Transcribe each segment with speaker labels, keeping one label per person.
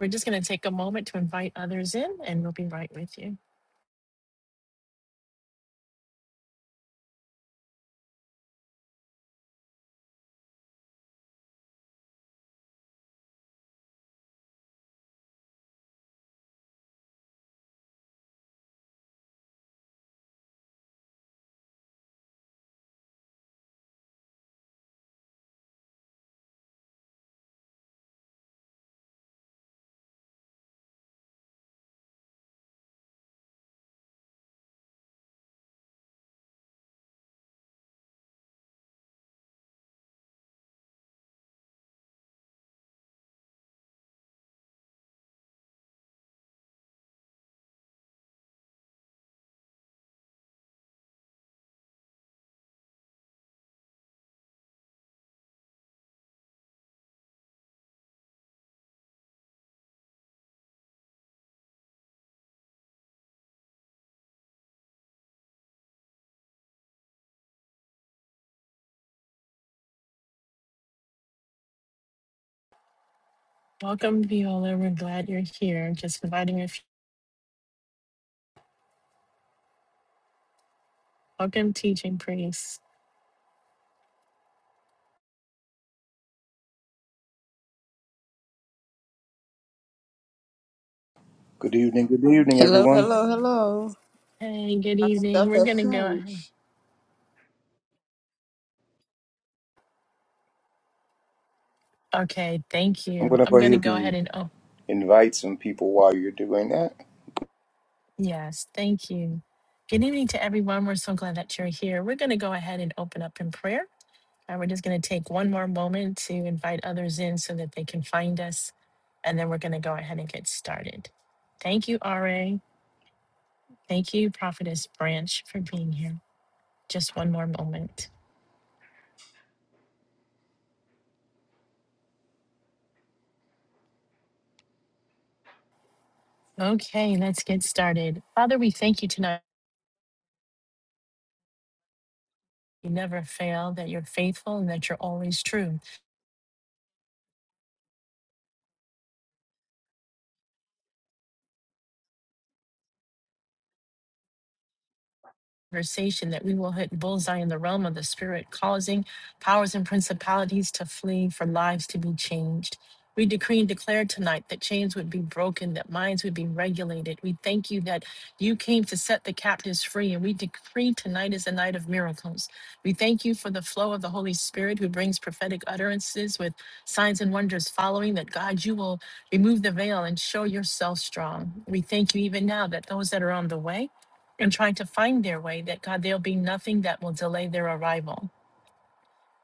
Speaker 1: We're just going to take a moment to invite others in, and we'll be right with you. Welcome, Viola. We're glad you're here. Just inviting a few. Welcome, teaching priest.
Speaker 2: Good evening, good evening,
Speaker 3: Hello,
Speaker 2: everyone.
Speaker 3: hello, hello.
Speaker 1: Hey, good
Speaker 3: Our
Speaker 1: evening.
Speaker 3: stuff
Speaker 1: We're
Speaker 3: has
Speaker 1: going to go ahead.
Speaker 3: changed.
Speaker 1: Okay, thank
Speaker 2: I'm
Speaker 1: you.
Speaker 2: going to go
Speaker 1: I'm going to
Speaker 2: ahead
Speaker 1: go
Speaker 2: and
Speaker 1: ahead and, oh,
Speaker 2: invite some people while you're doing that.
Speaker 1: yes, thank you. Good evening to everyone. We're so glad that you're here. We're going to go ahead and open up in prayer. And we're just going to take one more moment to invite others in so that they can find us. And then we're going to go ahead and get started. Thank you, RA. Thank you, Prophetess Branch, for being here. Just one more moment. Okay, let's get started. Father, we thank you tonight. You never fail, that you're faithful, and that you're always true. conversation that we will hit bullseye in the realm of the spirit, causing powers and principalities to flee for lives to be changed. We decree and declare tonight that chains would be broken, that minds would be regulated. We thank you that you came to set the captives free, and we decree tonight is a night of miracles. We thank you for the flow of the Holy Spirit who brings prophetic utterances with signs and wonders following, that God, you will remove the veil and show yourself strong. We thank you even now that those that are on the way, and trying to find their way, that God, there'll be nothing that will delay their arrival.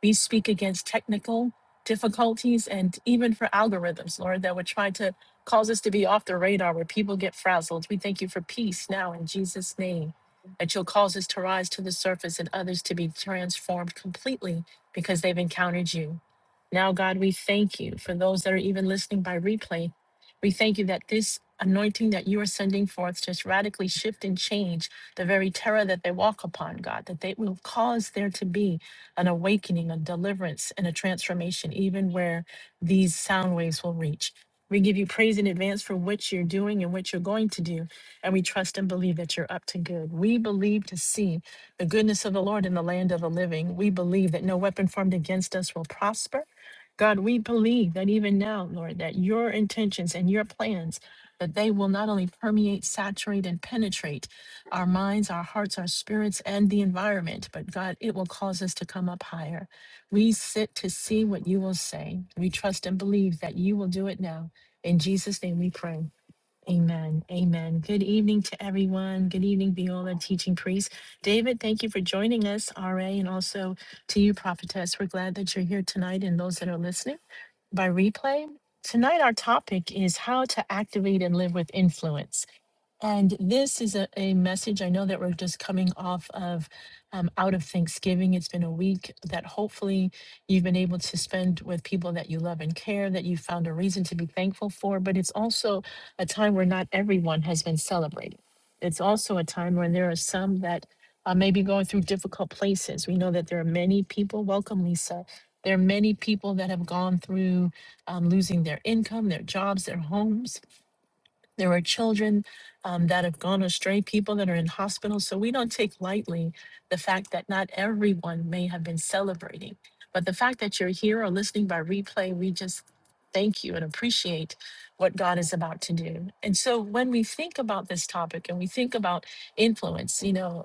Speaker 1: We speak against technical difficulties and even for algorithms, Lord, that would try to cause us to be off the radar where people get frazzled. We thank you for peace now in Jesus' name, that you'll cause us to rise to the surface and others to be transformed completely because they've encountered you. Now, God, we thank you for those that are even listening by replay. We thank you that this anointing that you are sending forth just radically shift and change the very terror that they walk upon, God, that they will cause there to be an awakening, a deliverance, and a transformation, even where these sound waves will reach. We give you praise in advance for what you're doing and what you're going to do. And we trust and believe that you're up to good. We believe to see the goodness of the Lord in the land of the living. We believe that no weapon formed against us will prosper. God, we believe that even now, Lord, that your intentions and your plans, that they will not only permeate, saturate, and penetrate, our minds, our hearts, our spirits, and the environment. But God, it will cause us to come up higher. We sit to see what you will say. We trust and believe that you will do it now. In Jesus' name we pray. Amen. Amen. Good evening to everyone. Good evening, Viola, teaching priest. David, thank you for joining us, RA, and also to you, prophetess. We're glad that you're here tonight and those that are listening by replay. Tonight, our topic is how to activate and live with influence. And this is a, a message. I know that we're just coming off of um, out of Thanksgiving. It's been a week that hopefully you've been able to spend with people that you love and care, that you found a reason to be thankful for. But it's also a time where not everyone has been celebrating. It's also a time when there are some that uh, may be going through difficult places. We know that there are many people, welcome, Lisa. There are many people that have gone through um, losing their income, their jobs, their homes there are children um, that have gone astray, people that are in hospitals. So we don't take lightly the fact that not everyone may have been celebrating. But the fact that you're here or listening by replay, we just thank you and appreciate what God is about to do. And so when we think about this topic and we think about influence, you know,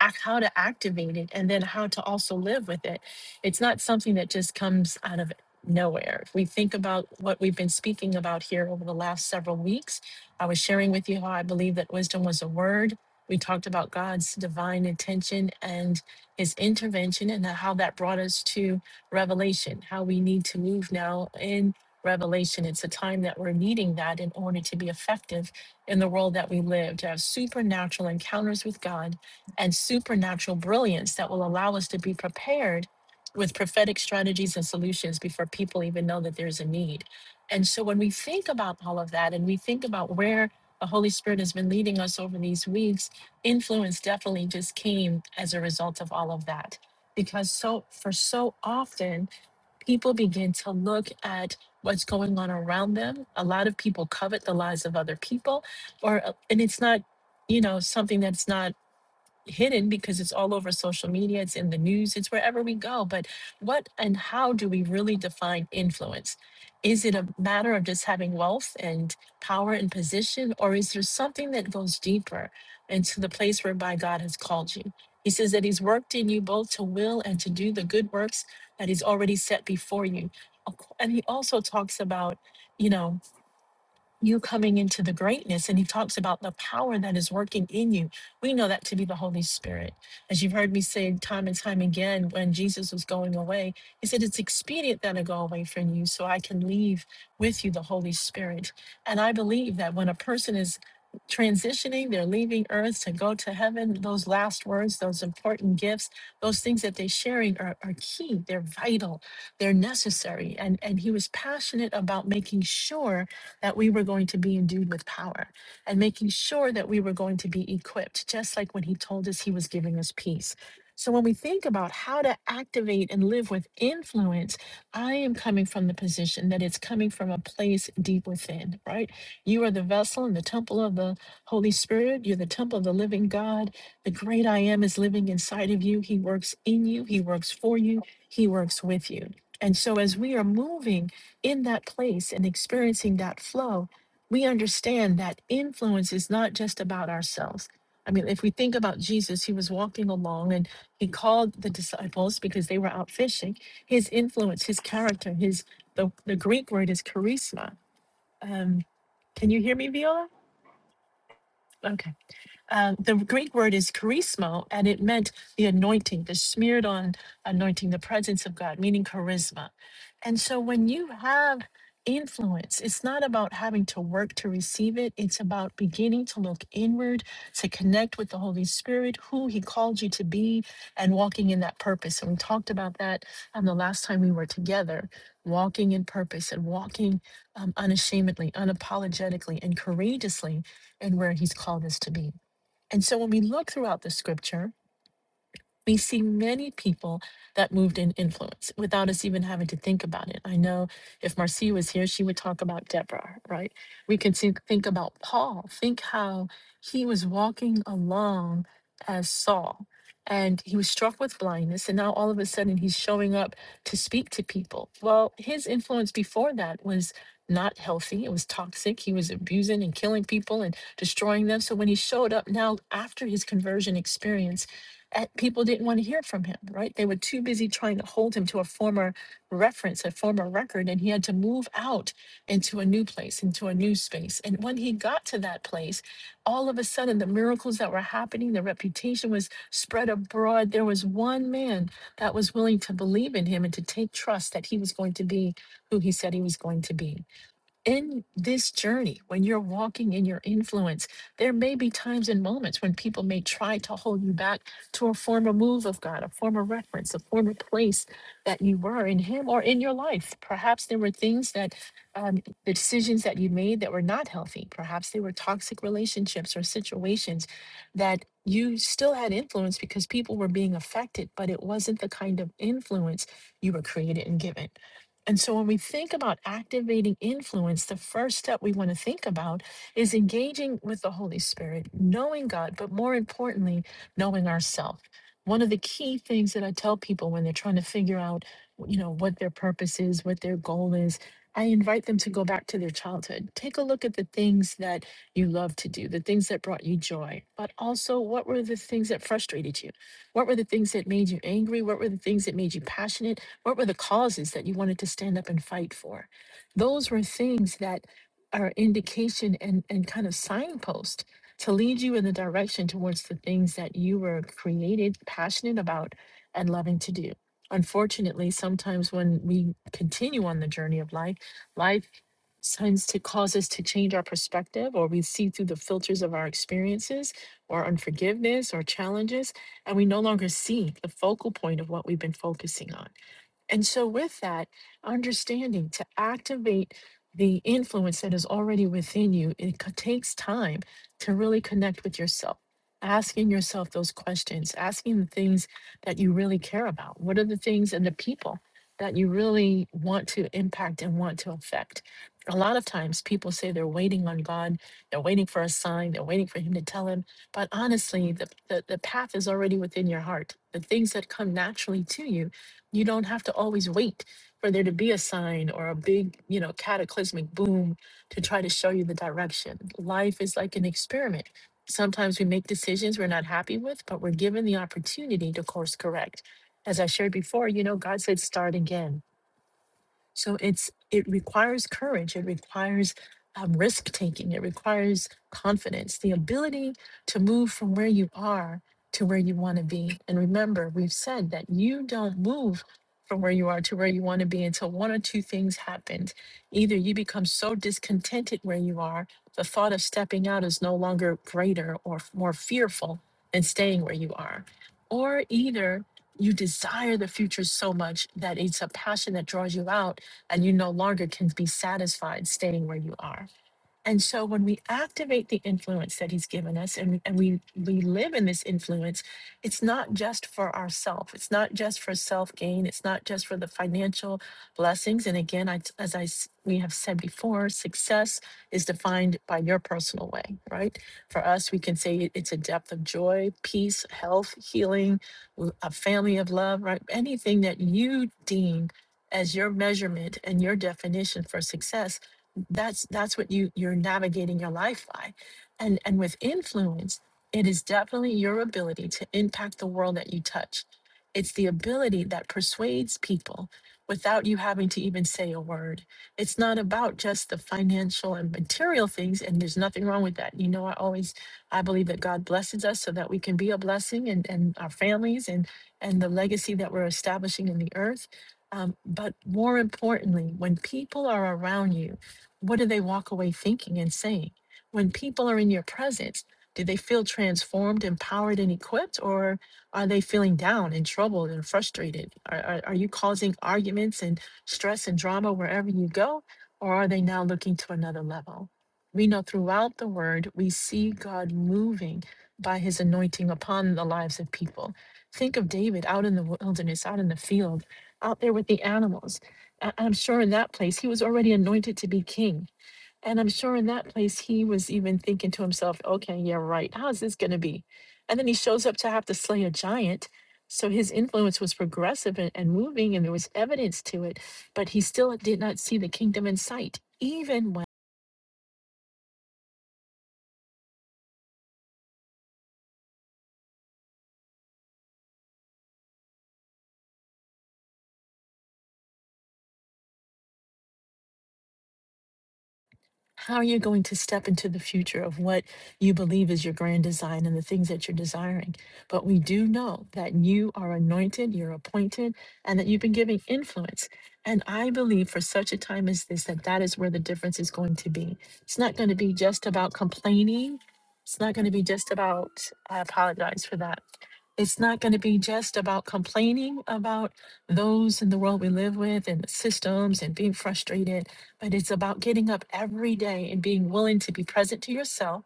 Speaker 1: act, how to activate it and then how to also live with it. It's not something that just comes out of nowhere. If we think about what we've been speaking about here over the last several weeks, I was sharing with you how I believe that wisdom was a word. We talked about God's divine intention and his intervention and how that brought us to revelation, how we need to move now in revelation. It's a time that we're needing that in order to be effective in the world that we live, to have supernatural encounters with God and supernatural brilliance that will allow us to be prepared with prophetic strategies and solutions before people even know that there's a need. And so when we think about all of that and we think about where the Holy Spirit has been leading us over these weeks, influence definitely just came as a result of all of that. Because so for so often, people begin to look at what's going on around them. A lot of people covet the lives of other people, or uh, and it's not, you know, something that's not hidden because it's all over social media, it's in the news, it's wherever we go. But what and how do we really define influence? Is it a matter of just having wealth and power and position, or is there something that goes deeper into the place whereby God has called you? He says that He's worked in you both to will and to do the good works that He's already set before you. Of co- And He also talks about, you know, you coming into the greatness. And he talks about the power that is working in you. We know that to be the Holy Spirit. As you've heard me say time and time again, when Jesus was going away, he said, It's expedient that I go away from you so I can leave with you the Holy Spirit. And I believe that when a person is transitioning, they're leaving earth to go to heaven, those last words, those important gifts, those things that they're sharing are, are key. They're vital. They're necessary. And, and he was passionate about making sure that we were going to be endued with power and making sure that we were going to be equipped, just like when he told us he was giving us peace. So, when we think about how to activate and live with influence, I am coming from the position that it's coming from a place deep within, right? You are the vessel and the temple of the Holy Spirit. You're the temple of the living God. The great I am is living inside of you. He works in you, He works for you, He works with you. And so, as we are moving, in that place and experiencing that flow, we understand that influence is not just about ourselves. I mean, if we think about Jesus, he was walking along and he called the disciples because they were out fishing. His influence, his character, his the, the Greek word is charisma. Um, can you hear me, Viola? Okay. Uh, the Greek word is charisma, and it meant the anointing, the smeared on anointing, the presence of God, meaning charisma. And so when you have influence, it's not about having to work to receive it, it's about beginning to look inward, to connect with the Holy Spirit, who He called you to be, and walking in that purpose. And we talked about that um, the last time we were together walking in purpose and walking um, unashamedly, unapologetically, and courageously in where He's called us to be. And so when we look throughout the scripture, we see many people that moved in influence without us even having to think about it. I know if Marcia was here, she would talk about Deborah, right? We can think, think about Paul. Think how he was walking along as Saul and he was struck with blindness. And now all of a sudden he's showing up to speak to people. Well, his influence before that was not healthy, it was toxic. He was abusing and killing people and destroying them. So when he showed up now after his conversion experience, uh, people didn't want to hear from him, right? They were too busy trying to hold him to a former reference, a former record, and he had to move out into a new place, into a new space. And when he got to that place, all of a sudden the miracles that were happening, the reputation was spread abroad. There was one man that was willing to believe in him and to take trust that he was going to be who he said he was going to be in this journey, when you're walking in your influence, there may be times and moments when people may try to hold you back to a former move of God, a former reference, a former place that you were in Him or in your life. Perhaps there were things that um, the decisions that you made that were not healthy. Perhaps they were toxic relationships or situations that you still had influence because people were being affected, but it wasn't the kind of influence you were created and given. And so when we think about activating influence, the first step we want to think about is engaging with the Holy Spirit, knowing God, but more importantly, knowing ourselves. One of the key things that I tell people when they're trying to figure out, you know, what their purpose is, what their goal is, I invite them to go back to their childhood. Take a look at the things that you love to do, the things that brought you joy, but also what were the things that frustrated you? What were the things that made you angry? What were the things that made you passionate? What were the causes that you wanted to stand up and fight for? Those were things that are indication and, and kind of signpost to lead you in the direction towards the things that you were created, passionate about, and loving to do. Unfortunately, sometimes when we continue on the journey of life, life tends to cause us to change our perspective or we see through the filters of our experiences or unforgiveness or challenges and we no longer see the focal point of what we've been focusing on and so, with that understanding to activate the influence that is already within you, it co- takes time to really connect with yourself, asking yourself those questions, asking the things that you really care about. What are the things and the people that you really want to impact and want to affect? A lot of times people say they're waiting on God, they're waiting for a sign, they're waiting for Him to tell Him. But honestly, the, the, the path is already within your heart. The things that come naturally to you you don't have to always wait for there to be a sign or a big, you know, cataclysmic boom to try to show you the direction. Life is like an experiment. Sometimes we make decisions we're not happy with, but we're given the opportunity to course correct. As I shared before, you know, God said, start again so it's it requires courage. It requires um, risk taking. It requires confidence, the ability to move from where you are to where you want to be. And remember, we've said that you don't move from where you are to where you want to be until one or two things happened. Either you become so discontented where you are, the thought of stepping out is no longer greater or f- more fearful than staying where you are, or either you desire the future so much that it's a passion that draws you out and you no longer can be satisfied staying where you are. And so when we activate the influence that he's given us and, and we, we live in this influence, it's not just for ourself. It's not just for self gain. It's not just for the financial blessings. And again, I, as I, s- we have said before, success is defined by your personal way, right? For us, we can say it- it's a depth of joy, peace, health, healing, w- a family of love, right? Anything that you deem as your measurement and your definition for success that's that's what you you're navigating your life by and and with influence it is definitely your ability to impact the world that you touch it's the ability that persuades people without you having to even say a word it's not about just the financial and material things and there's nothing wrong with that you know i always i believe that god blesses us so that we can be a blessing and and our families and and the legacy that we're establishing in the earth um, but more importantly when people are around you what do they walk away thinking and saying? When people are in your presence, do they feel transformed, empowered, and equipped, or are they feeling down and troubled and frustrated? Are, are, are you causing arguments and stress and drama wherever you go, or are they now looking to another level? We know throughout the word, we see God moving by his anointing upon the lives of people. Think of David out in the wilderness, out in the field, out there with the animals I- I'm sure in that place he was already anointed to be king. And I'm sure in that place he was even thinking to himself, okay, yeah, right. How's this going to be? And then he shows up to have to slay a giant. So his influence was progressive and, and moving, and there was evidence to it, but he still did not see the kingdom in sight, even when. how are you going to step into the future of what you believe is your grand design and the things that you're desiring. But we do know that you are anointed, you're appointed, and that you've been giving influence. And I believe for such a time as this, that that is where the difference is going to be. It's not going to be just about complaining. It's not going to be just about, I apologize for that. It's not going to be just about complaining about those in the world we live with and the systems and being frustrated but it's about getting up every day and being willing to be present to yourself,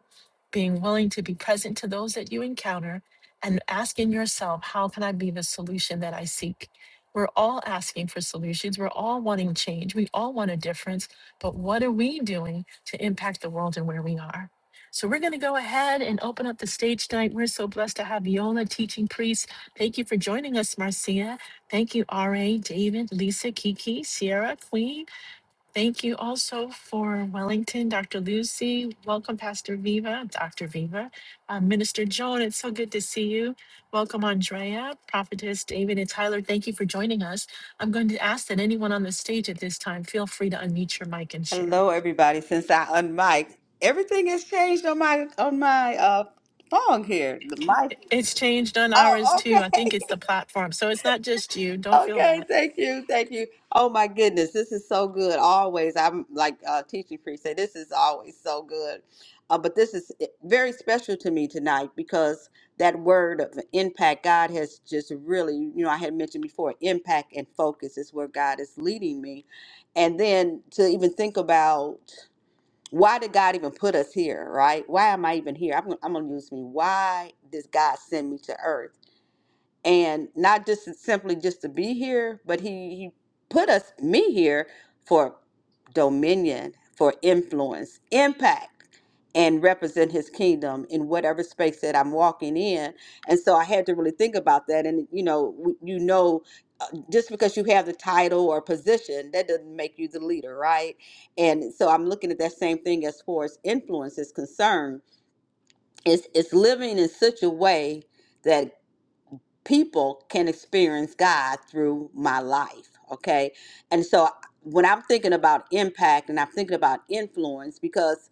Speaker 1: being willing to be present to those that you encounter, and asking yourself, how can I be the solution that I seek? We're all asking for solutions. We're all wanting change. We all want a difference. But what are we doing to impact the world and where we are? So we're going to go ahead and open up the stage tonight. We're so blessed to have Viola, teaching priest. Thank you for joining us, Marcia. Thank you, R.A., David, Lisa, Kiki, Sierra, Queen. Thank you also for Wellington, Dr. Lucy. Welcome, Pastor Viva, Dr. Viva. Uh, Minister Joan, it's so good to see you. Welcome, Andrea, Prophetess David, and Tyler. Thank you for joining us. I'm going to ask that anyone on the stage at this time feel free to unmute your mic and share.
Speaker 3: Hello, everybody. Since I unmiked, everything has changed on my on my uh phone here. The mic.
Speaker 1: It's changed on ours
Speaker 3: Oh,
Speaker 1: too.
Speaker 3: okay.
Speaker 1: I think it's the platform. So it's not just you. Don't feel
Speaker 3: Okay,
Speaker 1: bad.
Speaker 3: thank you, thank you. Oh my goodness, this is so good. Always, I'm like uh, teaching priest say, this is always so good. Uh, but this is eh, very special to me tonight because that word of impact, God has just really, you know, I had mentioned before, impact and focus is where God is leading me, and then to even think about why did God even put us here, right? Why am I even here? I'm, I'm gonna use me. Why does God send me to earth? and not just simply just to be here, but he he put us me here for dominion, for influence, impact, and represent his kingdom in whatever space that I'm walking in. And so I had to really think about that. And you know, w- you know, uh, just because you have the title or position, that doesn't make you the leader, right? And so I'm looking at that same thing as far as influence is concerned. It's it's living in such a way people can experience God through my life. Okay. And so when I'm thinking about impact and I'm thinking about influence, because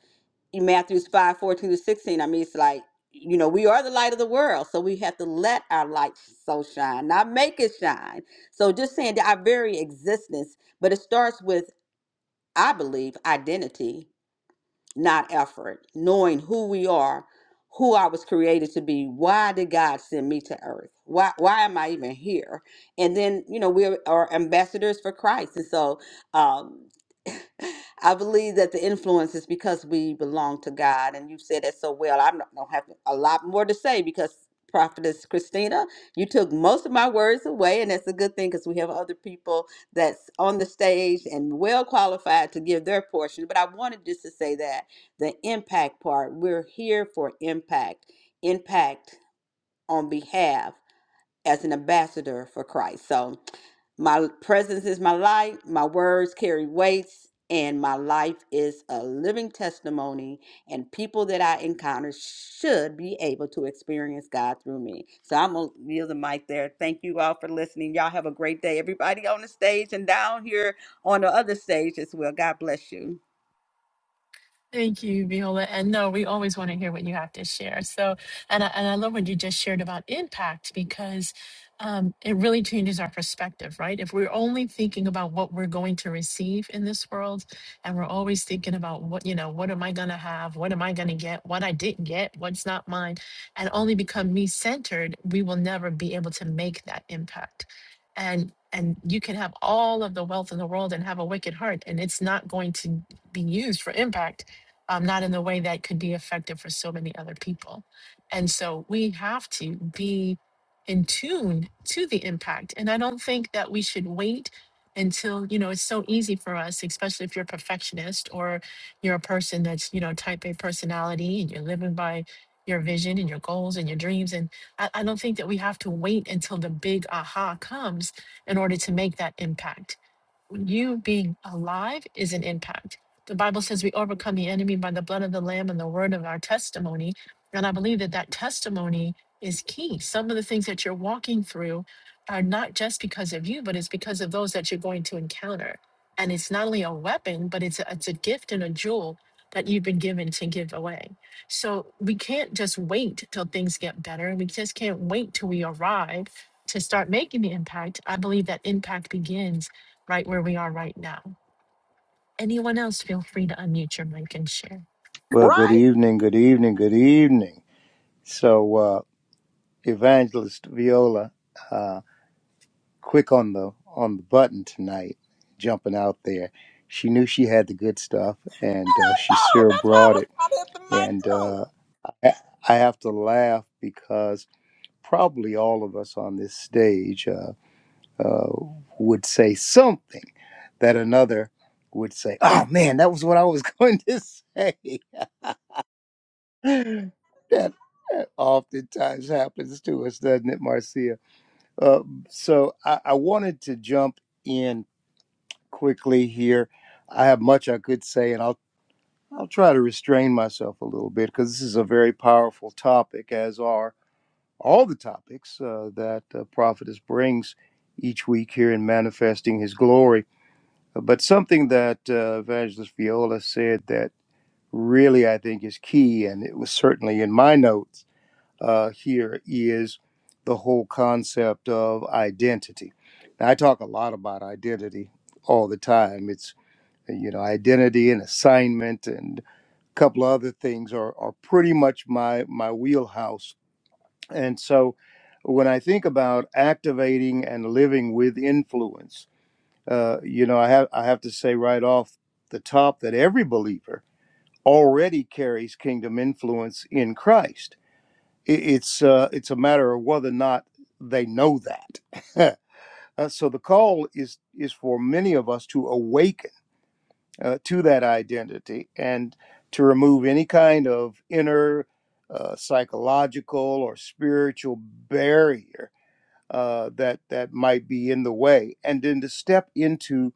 Speaker 3: in Matthew's 5, 14 to 16, I mean, it's like, you know, we are the light of the world. So we have to let our light so shine, not make it shine. So just saying that our very existence, but it starts with, I believe, identity not effort, knowing who we are, who I was created to be. Why did God send me to earth? Why why am I even here? And then, you know, we are ambassadors for Christ. And so um I believe that the influence is because we belong to God, and you said that so well. I don't don't have a lot more to say because Prophetess Christina, you took most of my words away, and that's a good thing because we have other people that's on the stage and well qualified to give their portion. But I wanted just to say that the impact part. We're here for impact, impact on behalf as an ambassador for Christ. So, my presence is my light, my words carry weights, and my life is a living testimony. And people that I encounter should be able to experience God through me. So I'm gonna yield the mic there. Thank you all for listening. Y'all have a great day. Everybody on the stage and down here on the other stage as well. God bless you.
Speaker 1: Thank you, Viola. And no, we always want to hear what you have to share. So, and I, and I love what you just shared about impact because um, it really changes our perspective, right? If we're only thinking about what we're going to receive in this world, and we're always thinking about what, you know, what am I going to have? What am I going to get? What I didn't get? What's not mine? And only become me centered, we will never be able to make that impact. And and you can have all of the wealth in the world and have a wicked heart, and it's not going to be used for impact um, not in the way that could be effective for so many other people. And so we have to be in tune to the impact. And I don't think that we should wait until, you know, it's so easy for us, especially if you're a perfectionist or you're a person that's, you know, type A personality and you're living by your vision and your goals and your dreams. And I, I don't think that we have to wait until the big aha comes in order to make that impact you being alive is an impact. The Bible says we overcome the enemy by the blood of the Lamb and the word of our testimony. And I believe that that testimony is key. Some of the things that you're walking through are not just because of you, but it's because of those that you're going to encounter. And it's not only a weapon, but it's a, it's a gift and a jewel that you've been given to give away. So we can't just wait till things get better. We just can't wait till we arrive to start making the impact. I believe that impact begins right where we are right now. Anyone else, feel free to unmute your mic and share.
Speaker 2: Well, good
Speaker 4: Right?
Speaker 2: evening, good evening, good evening. So, uh, Evangelist Viola, uh, quick on the on the button tonight, jumping out there. She knew she had the good stuff, and uh,
Speaker 4: I
Speaker 2: she
Speaker 4: know.
Speaker 2: sure
Speaker 4: That's why I
Speaker 2: brought
Speaker 4: was
Speaker 2: it.
Speaker 4: trying to hit the mic
Speaker 2: And
Speaker 4: too.
Speaker 2: uh, I I have to laugh because probably all of us on this stage. uh, uh, would say something that another would say, "Oh man, that was what I was going to say." that, that oftentimes happens to us, doesn't it, Marcia? Uh, so I, I wanted to jump in quickly here. I have much I could say, and I'll I'll try to restrain myself a little bit because this is a very powerful topic, as are all the topics uh, that uh, Prophetess brings each week here in manifesting His glory. But something that uh, Evangelist Viola said that really I think is key, and it was certainly in my notes uh, here, is the whole concept of identity. Now, I talk a lot about identity all the time. It's, you know, identity and assignment and a couple of other things are, are pretty much my, my wheelhouse. And so when I think about activating and living with influence, uh, you know, I have I have to say right off the top that every believer already carries kingdom influence in Christ. It, it's uh, it's a matter of whether or not they know that. Uh, so the call is is for many of us to awaken uh, to that identity and to remove any kind of inner uh, psychological or spiritual barrier uh, that that might be in the way, and then to step into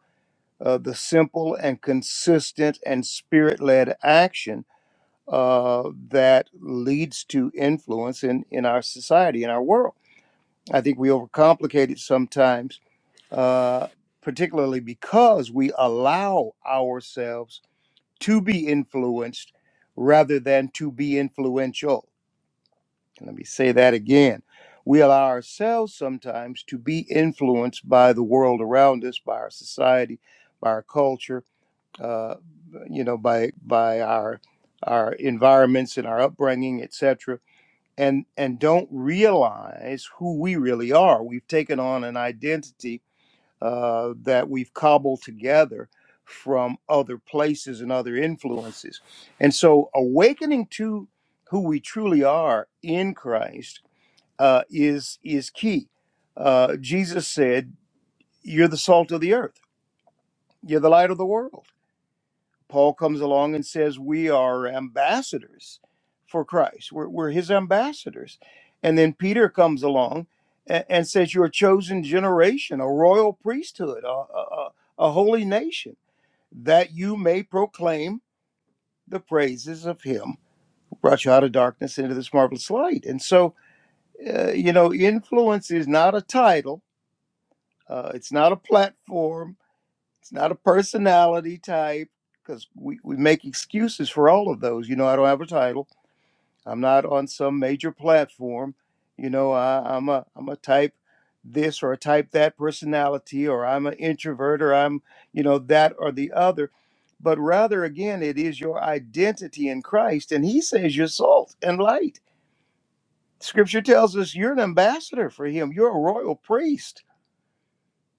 Speaker 2: uh, the simple and consistent and spirit led action uh, that leads to influence in, in our society, in our world. I think we overcomplicate it sometimes, uh, particularly because we allow ourselves to be influenced rather than to be influential. And Let me say that again. We allow ourselves sometimes to be influenced by the world around us, by our society, by our culture uh, you know, by by our our environments and our upbringing, et cetera, And and don't realize who we really are. We've taken on an identity uh, that we've cobbled together from other places and other influences. And so, awakening to who we truly are in Christ uh, is is key. Uh, Jesus said, "You're the salt of the earth. You're the light of the world." Paul comes along and says, We are ambassadors for Christ. We're, we're his ambassadors. And then Peter comes along and, and says, You're a chosen generation, a royal priesthood, a, a, a holy nation, that you may proclaim the praises of him who brought you out of darkness into this marvelous light. And so, uh, you know, influence is not a title, uh, it's not a platform, It's not a personality type because we, we make excuses for all of those. You know, I don't have a title. I'm not on some major platform. You know, I, I'm a I'm a type this or a type that personality, or I'm an introvert, or I'm you know that or the other. But rather, again, it is your identity in Christ, and He says you're salt and light. Scripture tells us you're an ambassador for Him. You're a royal priest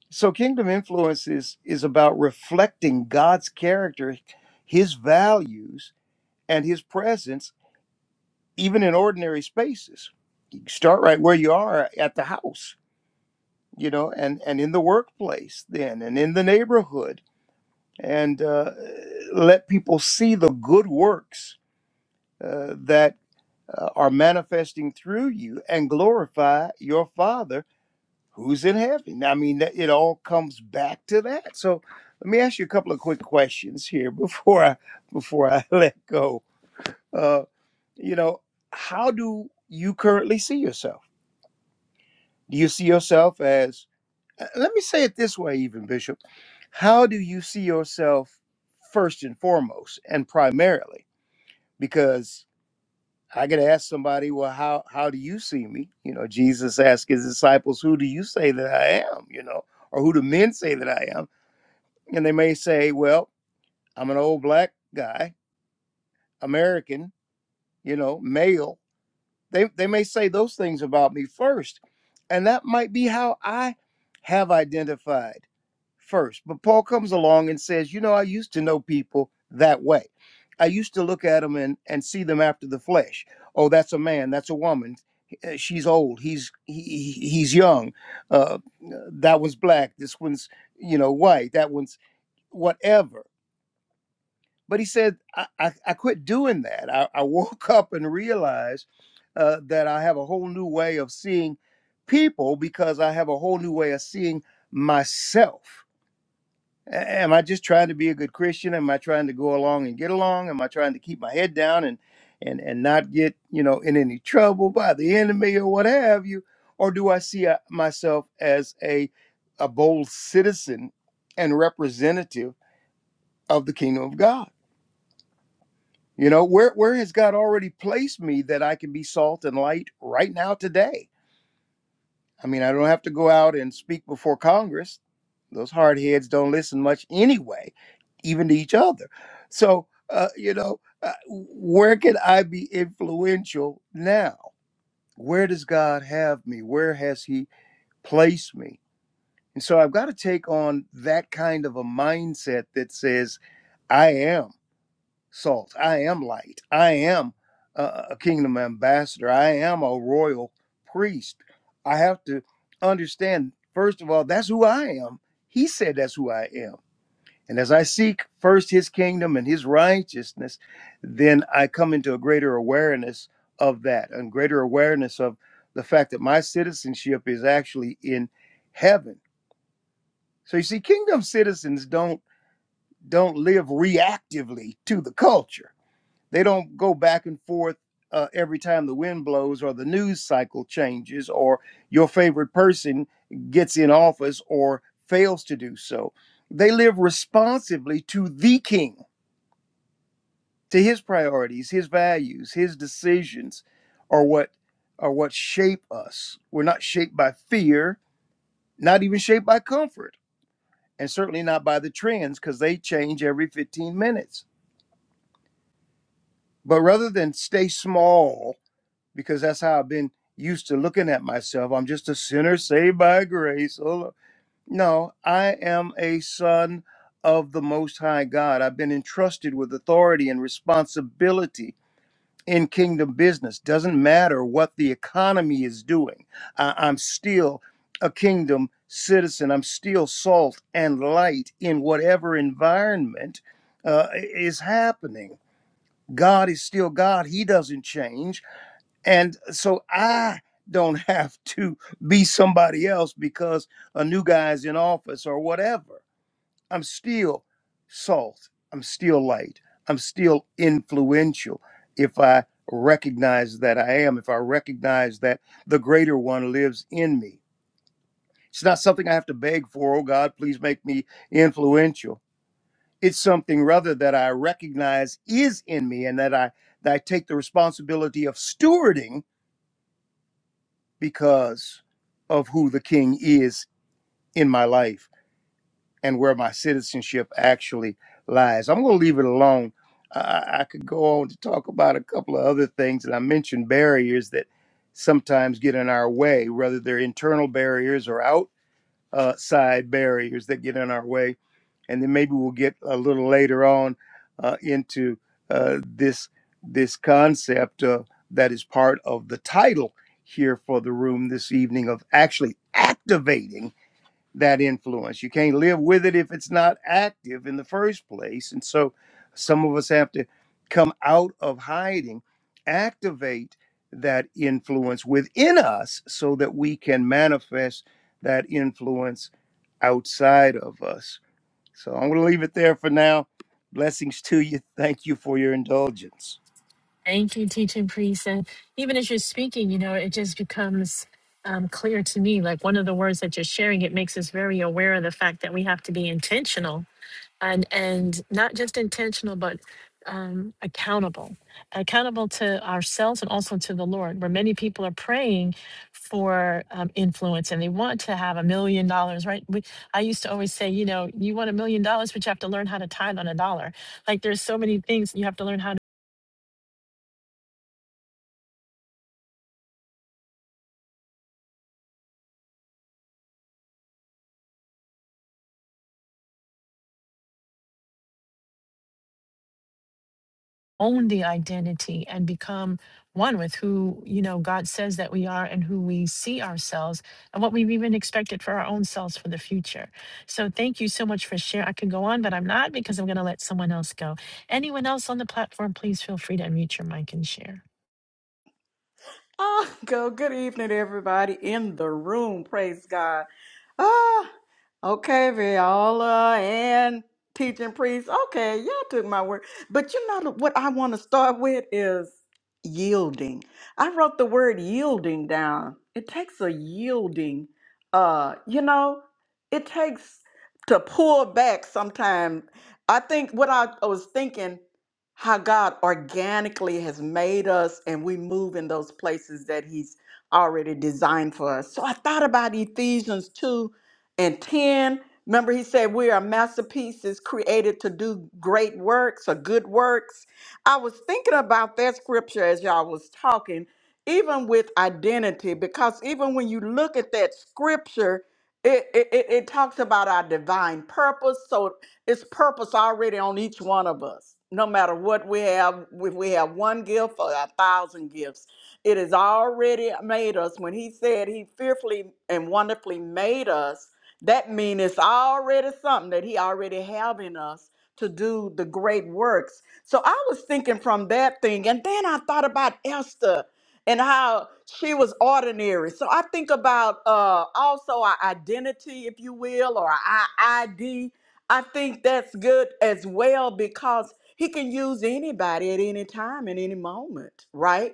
Speaker 2: so kingdom influence is is about reflecting god's character his values and his presence even in ordinary spaces you start right where you are at the house you know and and in the workplace then and in the neighborhood and uh, let people see the good works uh, that uh, are manifesting through you and glorify your father who's in heaven? I mean, that- it all comes back to that. So let me ask you a couple of quick questions here before I before I let go. Uh, you know, how do you currently see yourself? Do you see yourself as? uh, Let me say it this way, even Bishop. How do you see yourself first and foremost and primarily? Because I could ask somebody, well, how how do you see me? You know, Jesus asked his disciples, "Who do you say that I am?" You know, or who do men say that I am? And they may say, well, I'm an old black guy, American, you know, male. They, they may say those things about me first. And that might be how I have identified first. But Paul comes along and says, you know, I used to know people that way. I used to look at them and, and see them after the flesh. Oh, that's a man. That's a woman. Uh, She's old. He's he, he- he's young. Uh, that one's black. This one's you know white. That one's whatever But he said, I, I, I quit doing that. I, I woke up and realized uh, that I have a whole new way of seeing people because I have a whole new way of seeing myself. A- Am I just trying to be a good Christian? Am I trying to go along and get along? Am I trying to keep my head down and and and not get you know in any trouble by the enemy or what have you? Or do I see uh, myself as a a bold citizen and representative of the kingdom of God? You know, where where has God already placed me that I can be salt and light right now today? I mean, I don't have to go out and speak before Congress. Those hard heads don't listen much anyway, even to each other. So, uh, you know, uh, where can I be influential now? Where does God have me? Where has He placed me? And so I've got to take on that kind of a mindset that says, I am salt. I am light. I am uh, a kingdom ambassador. I am a royal priest. I have to understand, first of all, that's who I am. He said that's who I am. And as I seek first his kingdom and his righteousness, then I come into a greater awareness of that and greater awareness of the fact that my citizenship is actually in heaven. So you see, kingdom citizens don't don't live reactively to the culture they don't go back and forth uh, every time the wind blows or the news cycle changes or your favorite person gets in office or fails to do so. They live responsively to the king, to his priorities, his values, his decisions are what are what shape us. We're not shaped by fear, not even shaped by comfort, and certainly not by the trends because they change every 15 minutes. But rather than stay small because that's how I've been used to looking at myself. I'm just a sinner saved by grace. Oh, no, I am a son of the Most High God. I've been entrusted with authority and responsibility in kingdom business. Doesn't matter what the economy is doing, I- I'm still a kingdom citizen. I'm still salt and light in whatever environment uh, is happening. God is still God. He doesn't change and so I don't have to be somebody else because a new guy's in office or whatever. I'm still salt. I'm still light. I'm still influential if I recognize that I am, if I recognize that the greater one lives in me. It's not something I have to beg for, oh God, please make me influential. It's something rather that I recognize is in me and that I that I take the responsibility of stewarding because of who the king is in my life and where my citizenship actually lies. I'm going to leave it alone. I, I could go on to talk about a couple of other things, and I mentioned barriers that sometimes get in our way, whether they're internal barriers or out uh, side barriers that get in our way. And then maybe we'll get a little later on uh, into uh, this this concept uh, that is part of the title here for the room this evening of actually activating that influence. You can't live with it if it's not active in the first place. And so some of us have to come out of hiding, activate that influence within us so that we can manifest that influence outside of us. So I'm going to leave it there for now. Blessings to you. Thank you for your indulgence,
Speaker 1: Thank you, teaching priest. And even as you're speaking, you know, it just becomes um, clear to me like one of the words that you're sharing, it makes us very aware of the fact that we have to be intentional and and not just intentional but um, accountable accountable to ourselves and also to the lord where many people are praying for um, influence and they want to have a million dollars right we, i used to always say you know you want a million dollars but you have to learn how to tithe on a dollar like there's so many things you have to learn how own the identity and become one with who you know god says that we are and who we see ourselves and what we've even expected for our own selves for the future so thank you so much for sharing i could go on but i'm not because i'm going to let someone else go anyone else on the platform please feel free to unmute your mic and share
Speaker 4: Oh, go. Good evening, everybody in the room. Praise God. Ah, okay, Viola and teaching priest. Okay, y'all took my word. But you know what I want to start with is yielding. I wrote the word yielding down. It takes a yielding. Uh, you know, it takes to pull back sometimes. I think what I, I was thinking, how God organically has made us and we move in those places that He's already designed for us. So I thought about Ephesians 2 and 10. Remember, he said, We are masterpieces created to do great works or good works. I was thinking about that scripture as y'all was talking, even with identity, because even when you look at that scripture, it, it, it it talks about our divine purpose. So it's purpose already on each one of us, no matter what we have, if we have one gift or a thousand gifts it has already made us. When he said he fearfully and wonderfully made us, that means it's already something that he already have in us to do the great works. So I was thinking from that thing, and then I thought about Esther and how she was ordinary. So I think about uh, also our identity, if you will, or our ID. I think that's good as well because he can use anybody at any time in any moment, right?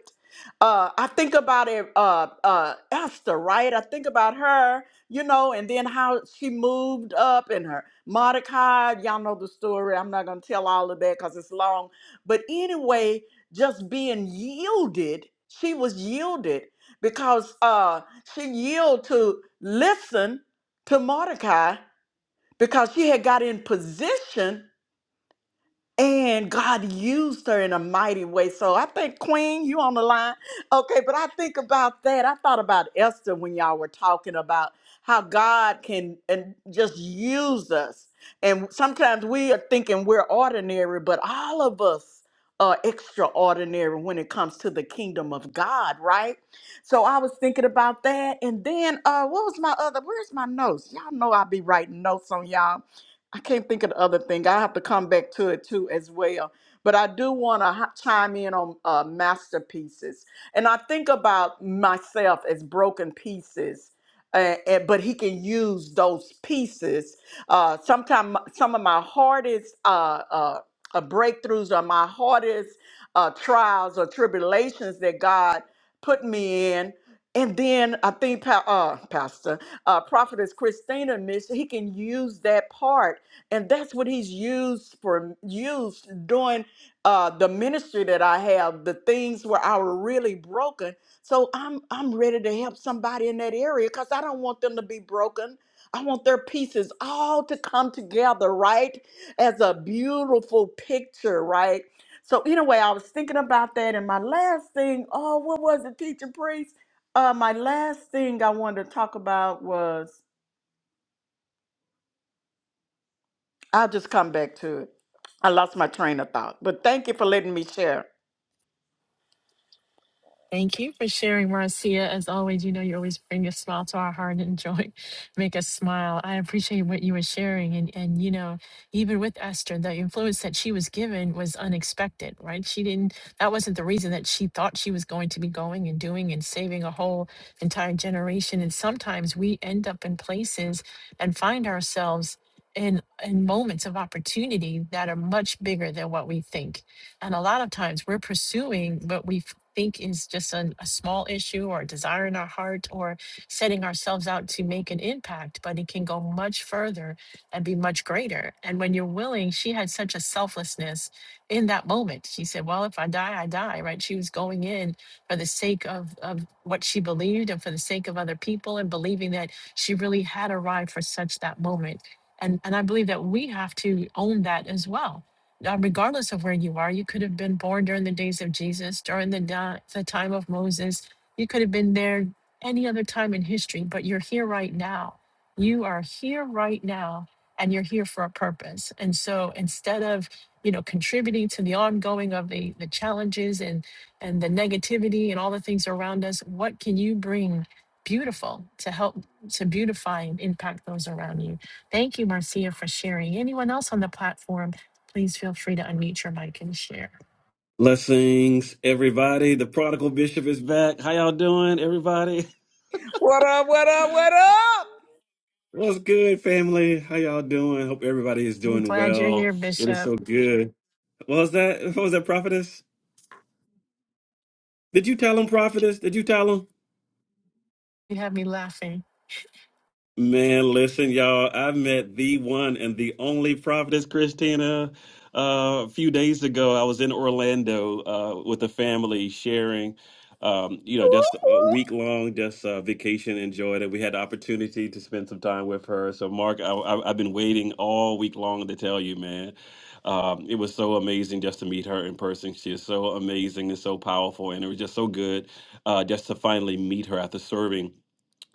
Speaker 4: uh, I think about it, uh, uh, Esther, right? I think about her, you know, and then how she moved up and her Mordecai. Y'all know the story. I'm not going to tell all of that because it's long. But anyway, just being yielded, she was yielded because uh, she yielded to listen to Mordecai because she had got in position and God used her in a mighty way. So I think, Queen, you on the line. Okay, but I think about that. I thought about Esther when y'all were talking about how God can and just use us. And sometimes we are thinking we're ordinary, but all of us are extraordinary when it comes to the kingdom of God, right? So I was thinking about that. And then uh what was my other where's my notes? Y'all know I be writing notes on y'all. I can't think of the other thing. I have to come back to it too as well. But I do want to chime in on uh, masterpieces, and I think about myself as broken pieces. Uh, and, but he can use those pieces. Uh, Sometimes some of my hardest uh, uh, uh, breakthroughs or my hardest uh, trials or tribulations that God put me in. And then I think, pa- uh, Pastor, uh, Prophetess Christina mentioned, he can use that part and that's what he's used for used doing uh the ministry that i have the things where i were really broken so i'm i'm ready to help somebody in that area because i don't want them to be broken i want their pieces all to come together right as a beautiful picture right so anyway i was thinking about that and my last thing oh what was it teacher priest uh my last thing i wanted to talk about was I'll just come back to it. I lost my train of thought, but thank you for letting me share.
Speaker 1: Thank you for sharing, Marcia. As always, you know you always bring a smile to our heart and joy, make us smile. I appreciate what you were sharing, and and you know even with Esther, the influence that she was given was unexpected, right? She didn't. That wasn't the reason that she thought she was going to be going and doing and saving a whole entire generation. And sometimes we end up in places and find ourselves. In, in moments of opportunity that are much bigger than what we think. And a lot of times we're pursuing what we think is just an, a small issue or a desire in our heart or setting ourselves out to make an impact, but it can go much further and be much greater. And when you're willing, she had such a selflessness in that moment. She said, Well, if I die, I die, right? She was going in for the sake of, of what she believed and for the sake of other people and believing that she really had arrived for such that moment. And, and I believe that we have to own that as well uh, regardless of where you are. You could have been born during the days of Jesus, during the, da- the time of Moses. You could have been there any other time in history, but you're here right now. You are here right now, and you're here for a purpose. And so instead of you know contributing to the ongoing of the the challenges and and the negativity and all the things around us what can you bring beautiful to help to beautify and impact those around you thank you marcia for sharing anyone else on the platform Please feel free to unmute your mic and share.
Speaker 5: Blessings, everybody. The prodigal bishop is back. How y'all doing, everybody?
Speaker 4: What up, what up, what up?
Speaker 5: What's good, family? How y'all doing? Hope everybody is
Speaker 1: I'm
Speaker 5: doing
Speaker 1: glad you're
Speaker 5: well.
Speaker 1: here,
Speaker 5: It is
Speaker 1: Bishop.
Speaker 5: so good. What was that? What was that, prophetess? Did you tell him, prophetess? Did you tell him?
Speaker 1: You have me laughing.
Speaker 5: Man, listen, y'all. I met the one and the only prophetess Christina uh, a few days ago. I was in Orlando uh, with the family sharing, um, you know, just a week long, just uh, vacation. Enjoyed it. We had the opportunity to spend some time with her. So, Mark, I, I, I've been waiting all week long to tell you, man. Um, it was so amazing just to meet her in person. She is so amazing and so powerful, and it was just so good uh, just to finally meet her after serving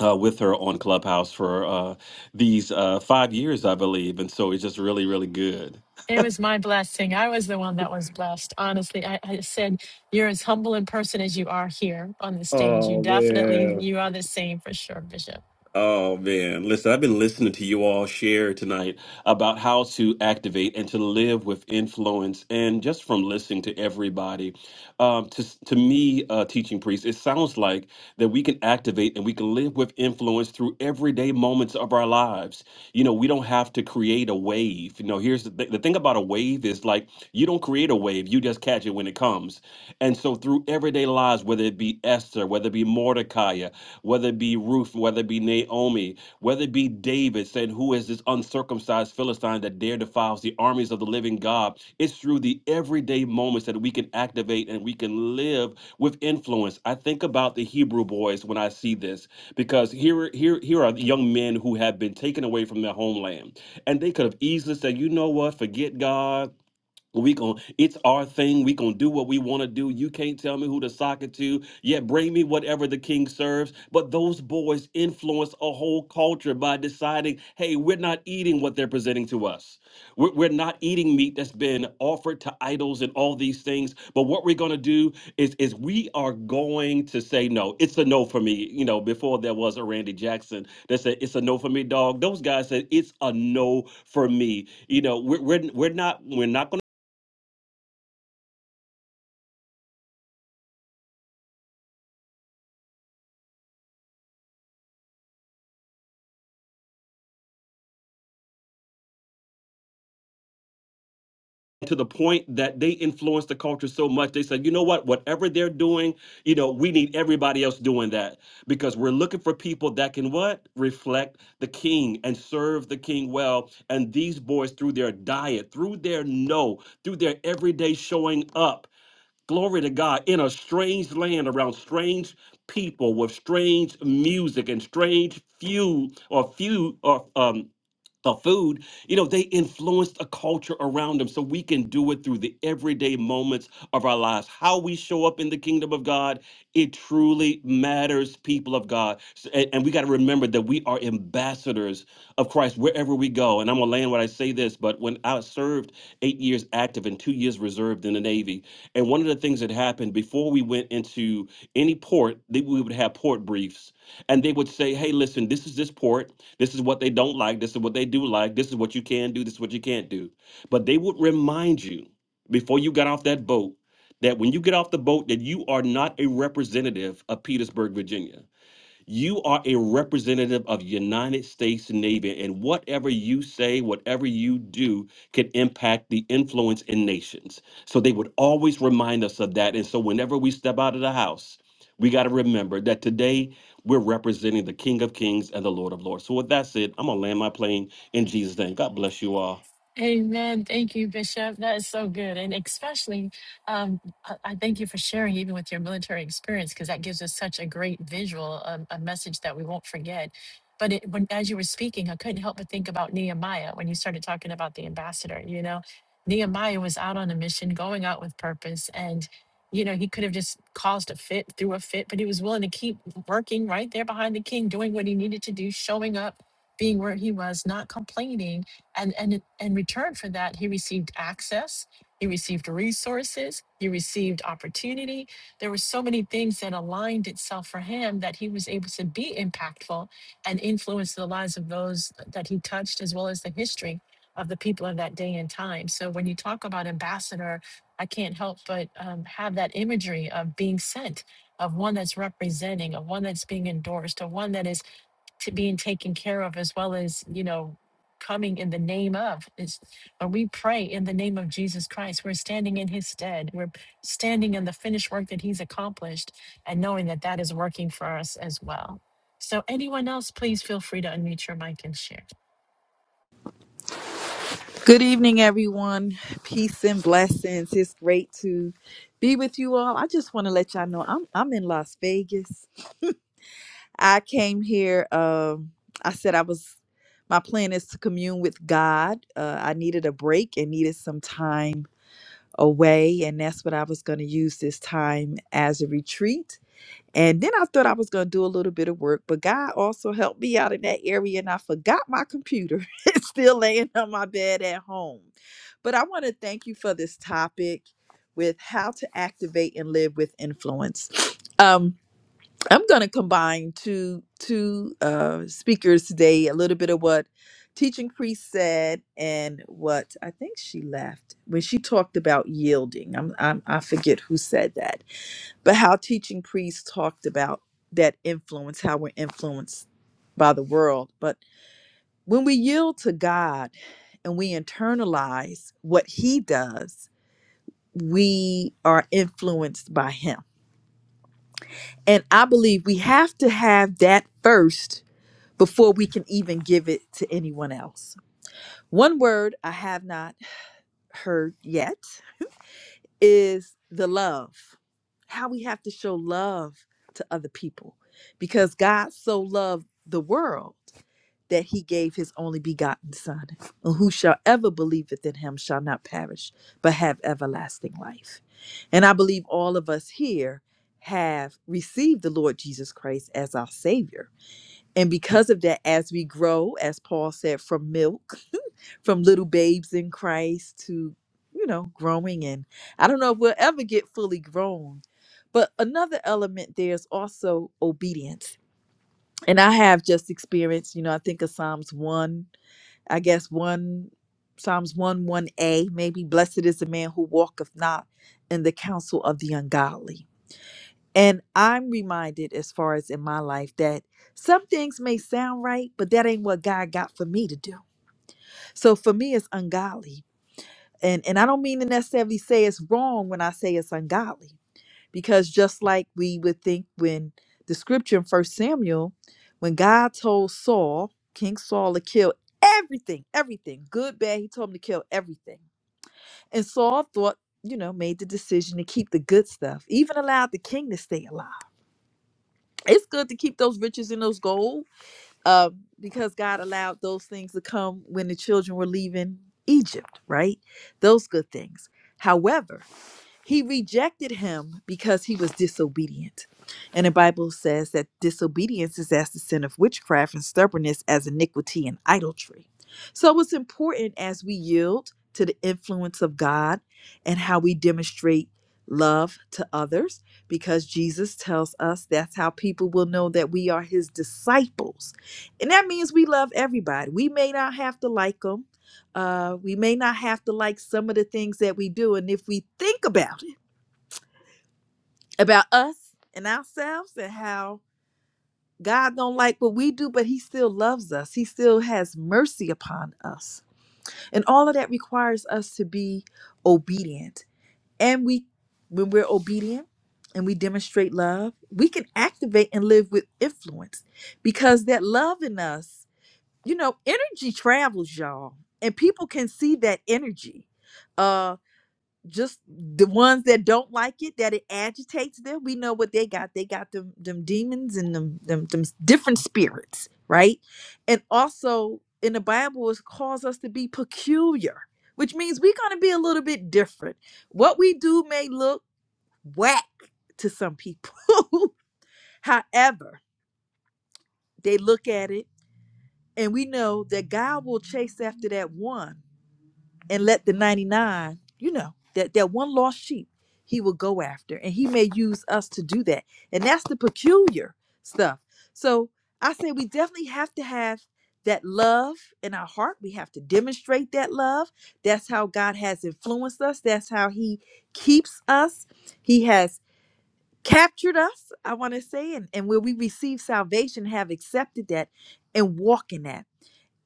Speaker 5: uh, with her on Clubhouse for uh, these uh, five years, I believe. And so it's just really, really good.
Speaker 1: It was my blessing. I was the one that was blessed. Honestly, I, I said, You're as humble in person as you are here on the
Speaker 5: Oh,
Speaker 1: stage. You definitely,
Speaker 5: yeah.
Speaker 1: you are the same for sure, Bishop.
Speaker 5: Oh man, listen, I've been listening to you all share tonight about how to activate and to live with influence. And just from listening to everybody, um, to, to me, uh, teaching priest, it sounds like that we can activate and we can live with influence through everyday moments of our lives. You know, we don't have to create a wave. You know, here's the, th- the thing about a wave is like you don't create a wave, you just catch it when it comes. And so through everyday lives, whether it be Esther, whether it be Mordecai, whether it be Ruth, whether it be Naomi, whether it be David saying, Who is this this uncircumcised Philistine that dare defiles the armies of the living God. It's through the everyday moments that we can activate and we can live with influence. I think about the Hebrew boys when I see this because here, here, here are young men who have been taken away from their homeland, and they could have easily said, "You know what? Forget God." We gon' it's our thing. We gonna do what we want to do. You can't tell me who to sock it to. Yeah, bring me whatever the king serves. But those boys influence a whole culture by deciding, hey, we're not eating what they're presenting to us. We're, we're not eating meat that's been offered to idols and all these things. But what we're gonna do is is we are going to say no. It's a no for me. You know, before there was a Randy Jackson that said it's a no for me, dog. Those guys said it's a no for me. You know, we're we're, we're not we're not to the point that they influence the culture so much they said you know what whatever they're doing you know we need everybody else doing that because we're looking for people that can what reflect the king and serve the king well and these boys through their diet through their no through their everyday showing up glory to god in a strange land around strange people with strange music and strange few or few or um the food, you know, they influenced a culture around them. So we can do it through the everyday moments of our lives. How we show up in the kingdom of God, it truly matters, people of God. S- And, and we got to remember that we are ambassadors of Christ wherever we go. And I'm going to land when I say this, but when I served eight years active and two years reserved in the Navy, and one of the things that happened before we went into any port, that we would have port briefs and they would say, "Hey, listen, this is this port. This is what they don't like. This is what they do like. This is what you can do. This is what you can't do." But they would remind you before you got off that boat that when you get off the boat that you are not a representative of Petersburg, Virginia you are a representative of United States Navy, and whatever you say, whatever you do, can impact the influence in nations. So they would always remind us of that. And so whenever we step out of the house, we got to remember that today we're representing the King of Kings and the Lord of Lords. So with that said, I'm gonna land my plane in Jesus' name. God bless you all.
Speaker 1: Amen. Thank you, Bishop. That is so good. And especially, um, I, I thank you for sharing, even with your military experience, because that gives us such a great visual, um, a message that we won't forget. But it, when, as you were speaking, I couldn't help but think about Nehemiah when you started talking about the ambassador. You know, Nehemiah was out on a mission, going out with purpose. And, you know, he could have just caused a fit, threw a fit, but he was willing to keep working right there behind the king, doing what he needed to do, showing up, being where he was, not complaining and and in return for that he received access he received resources he received opportunity there were so many things that aligned itself for him that he was able to be impactful and influence the lives of those that he touched as well as the history of the people of that day and time so when you talk about ambassador i can't help but um, have that imagery of being sent of one that's representing of one that's being endorsed of one that is to being taken care of as well as you know coming in the name of is when we pray in the name of jesus christ we're standing in his stead we're standing in the finished work that he's accomplished and knowing that that is working for us as well so anyone else please feel free to unmute your mic and share
Speaker 6: Good evening, everyone. Peace and blessings. It's great to be with you all. I just want to let y'all know I'm I'm in Las Vegas. I came here. Um, I said I was. My plan is to commune with God. Uh, I needed a break and needed some time away, and that's what I was going to use this time as a retreat and then I thought I was going to do a little bit of work, but God also helped me out in that area and I forgot my computer. it's still laying on my bed at home. But I want to thank you for this topic with how to activate and live with influence. Um, I'm going to combine two two uh, speakers today, a little bit of what teaching priest said and what I think she left when she talked about yielding. I'm, I'm I forget who said that but how teaching priests talked about that influence, how we're influenced by the world. But when we yield to God and we internalize what He does, we are influenced by Him. And I believe we have to have that first before we can even give it to anyone else. One word I have not heard yet is the love. How we have to show love to other people because God so loved the world that he gave his only begotten son and whosoever believeth in him shall not perish but have everlasting life and i believe all of us here have received the lord jesus christ as our savior and because of that as we grow as paul said from milk from little babes in Christ to, you know, growing. And I don't know if we'll ever get fully grown. But another element there is also obedience. And I have just experienced, you know, I think of Psalms 1, I guess 1, Psalms 1, 1a, maybe, blessed is the man who walketh not in the counsel of the ungodly. And I'm reminded, as far as in my life, that some things may sound right, but that ain't what God got for me to do. So for me, it's ungodly and and I don't mean to necessarily say it's wrong when I say it's ungodly, because just like we would think when the scripture in First Samuel, when God told Saul, King Saul, to kill everything, everything, good, bad, he told him to kill everything, and Saul thought, you know, made the decision to keep the good stuff, even allowed the king to stay alive. It's good to keep those riches and those gold, uh, because God allowed those things to come when the children were leaving Egypt, right? Those good things. However, he rejected him because he was disobedient. And the Bible says that disobedience is as the sin of witchcraft and stubbornness as iniquity and idolatry. So it's important as we yield to the influence of God and how we demonstrate love to others because Jesus tells us that's how people will know that we are his disciples. And that means we love everybody. We may not have to like them. Uh, we may not have to like some of the things that we do. And if we think about it, about us and ourselves and how God don't like what we do, but he still loves us. He still has mercy upon us. And all of that requires us to be obedient. And we when we're obedient and we demonstrate love, we can activate and live with influence because that love in us, you know, energy travels, y'all. And people can see that energy. Uh, just the ones that don't like it, that it agitates them. We know what they got. They got them them demons and them them, them different spirits, right? And also in the Bible it calls us to be peculiar, which means we're gonna be a little bit different. What we do may look whack to some people. However, they look at it and we know that God will chase after that one and let the 99 you know that that one lost sheep he will go after and he may use us to do that and that's the peculiar stuff so i say we definitely have to have that love in our heart we have to demonstrate that love that's how god has influenced us that's how he keeps us he has captured us i want to say and, and where we receive salvation have accepted that and walk in that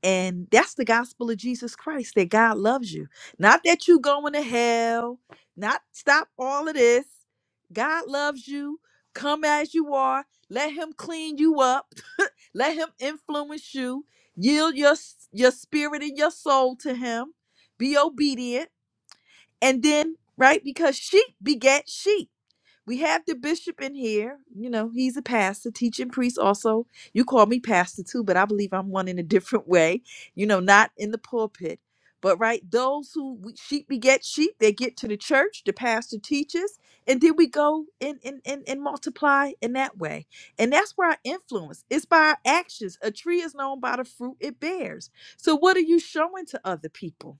Speaker 6: and that's the gospel of Jesus Christ that God loves you. Not that you going to hell, not stop all of this. God loves you. Come as you are. Let him clean you up. Let him influence you. Yield your s- your spirit and your soul to him. Be obedient. And then, right, because sheep beget sheep we have the bishop in here. You know, he's a pastor, teaching priest also. You call me pastor too, but I believe I'm one in a different way, you know, not in the pulpit. But right, those who we, sheep beget sheep, they get to the church, the pastor teaches, and then we go and, and, and, and multiply in that way. And that's where our influence is by our actions. A tree is known by the fruit it bears. So, what are you showing to other people?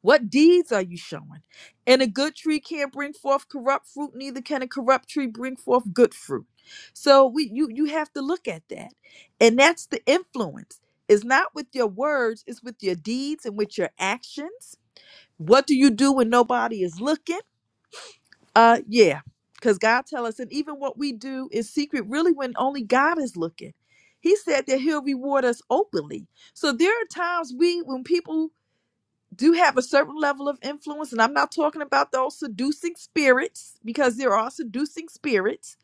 Speaker 6: What deeds are you showing? And a good tree can't bring forth corrupt fruit, neither can a corrupt tree bring forth good fruit. So we you you have to look at that. And that's the influence. It's not with your words, it's with your deeds and with your actions. What do you do when nobody is looking? Uh yeah. Because God tell us, and even what we do in secret, really when only God is looking. He said that he'll reward us openly. So there are times we when people do have a certain level of influence, and I'm not talking about those seducing spirits because there are seducing spirits.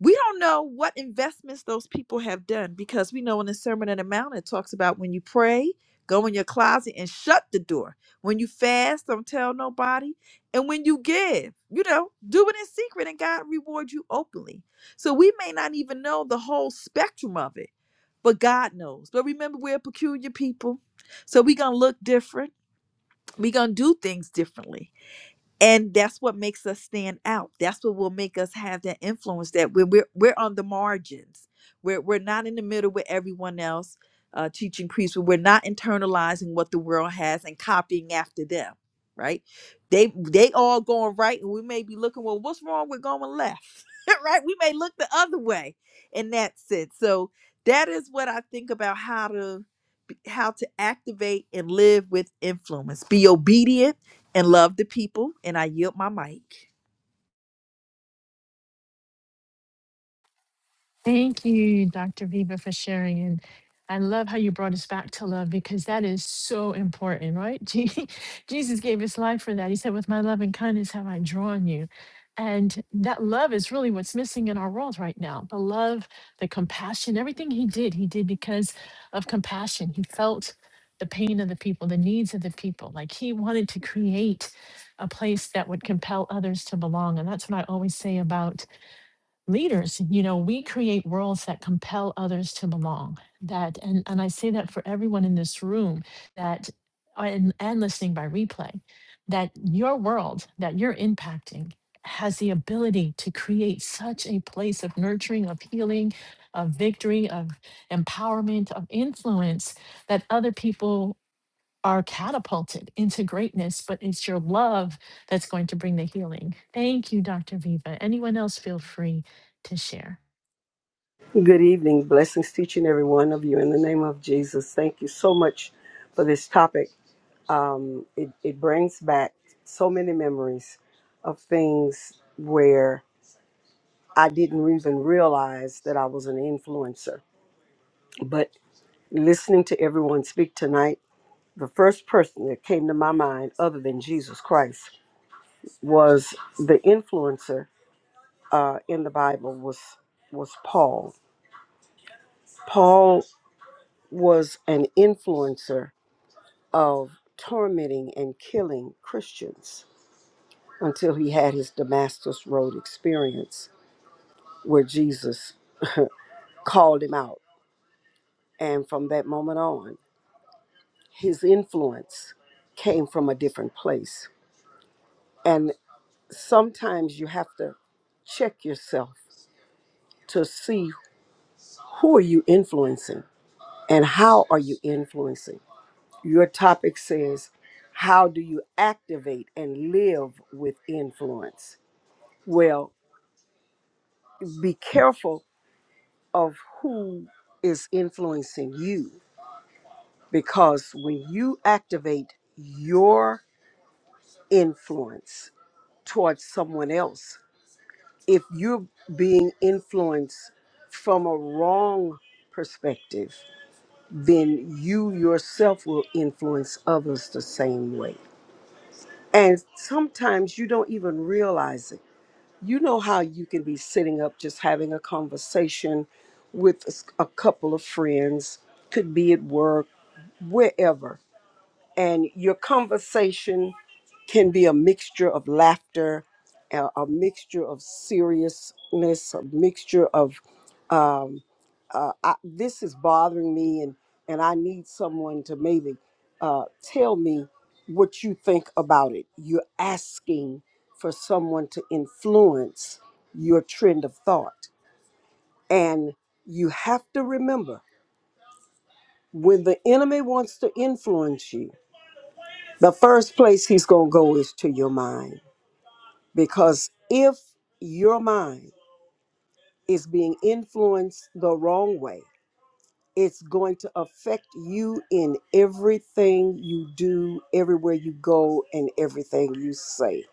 Speaker 6: We don't know what investments those people have done because we know in the Sermon on the Mount it talks about when you pray, go in your closet and shut the door. When you fast, don't tell nobody. And when you give, you know, do it in secret and God reward you openly. So we may not even know the whole spectrum of it, but God knows. But remember, we're a peculiar people, so we're going to look different we're going to do things differently. And that's what makes us stand out. That's what will make us have that influence that we're, we're, we're on the margins. We're, we're not in the middle with everyone else uh, teaching priests. We're not internalizing what the world has and copying after them, right? They they all going right, and we may be looking, well, what's wrong with going left? right? We may look the other way in that sense. So that is what I think about how to how to activate and live with influence. Be obedient and love the people. And I yield my mic.
Speaker 1: Thank you, Dr. Viva, for sharing. And I love how you brought us back to love because that is so important, right? Je- Jesus gave his life for that. He said, With my love and kindness have I drawn you. And that love is really what's missing in our world right now. The love, the compassion, everything he did, he did because of compassion. He felt the pain of the people, the needs of the people. Like he wanted to create a place that would compel others to belong. And that's what I always say about leaders you know we create worlds that compel others to belong that and and i say that for everyone in this room that and, and listening by replay that your world that you're impacting has the ability to create such a place of nurturing of healing of victory of empowerment of influence that other people are catapulted into greatness, but it's your love that's going to bring the healing. Thank you, Dr. Viva. Anyone else feel free to share?
Speaker 7: Good evening. Blessings to each and every one of you. In the name of Jesus, thank you so much for this topic. Um, it, it brings back so many memories of things where I didn't even realize that I was an influencer. But listening to everyone speak tonight, the first person that came to my mind, other than Jesus Christ, was the influencer uh, in the Bible was was Paul. Paul was an influencer of tormenting and killing Christians until he had his Damascus Road experience where Jesus called him out. And from that moment on, his influence came from a different place. And sometimes you have to check yourself to see who are you influencing and how are you influencing. Your topic says, how do you activate and live with influence? Well, be careful of who is influencing you because when you activate your influence towards someone else, if you're being influenced from a wrong perspective, then you yourself will influence others the same way. And sometimes you don't even realize it you know how you can be sitting up just having a conversation with a s- a couple of friends, could be at work, wherever, and your conversation can be a mixture of laughter, a, a mixture of seriousness, a mixture of um, uh, I, this is bothering me and and I need someone to maybe uh, tell me what you think about it. You're asking for someone to influence your trend of thought. And you have to remember when the enemy wants to influence you, the first place he's going to go is to your mind. Because if your mind is being influenced the wrong way, it's going to affect you in everything you do, everywhere you go, and everything you say.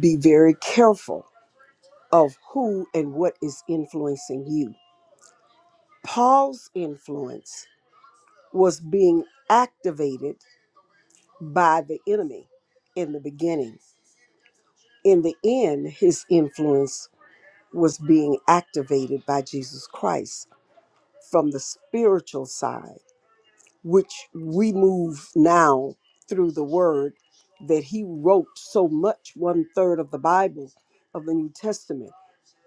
Speaker 7: Be very careful of who and what is influencing you. Paul's influence was being activated by the enemy in the beginning. In the end, his influence was being activated by Jesus Christ from the spiritual side which we move now through the word that he wrote so much one third of the bible of the new testament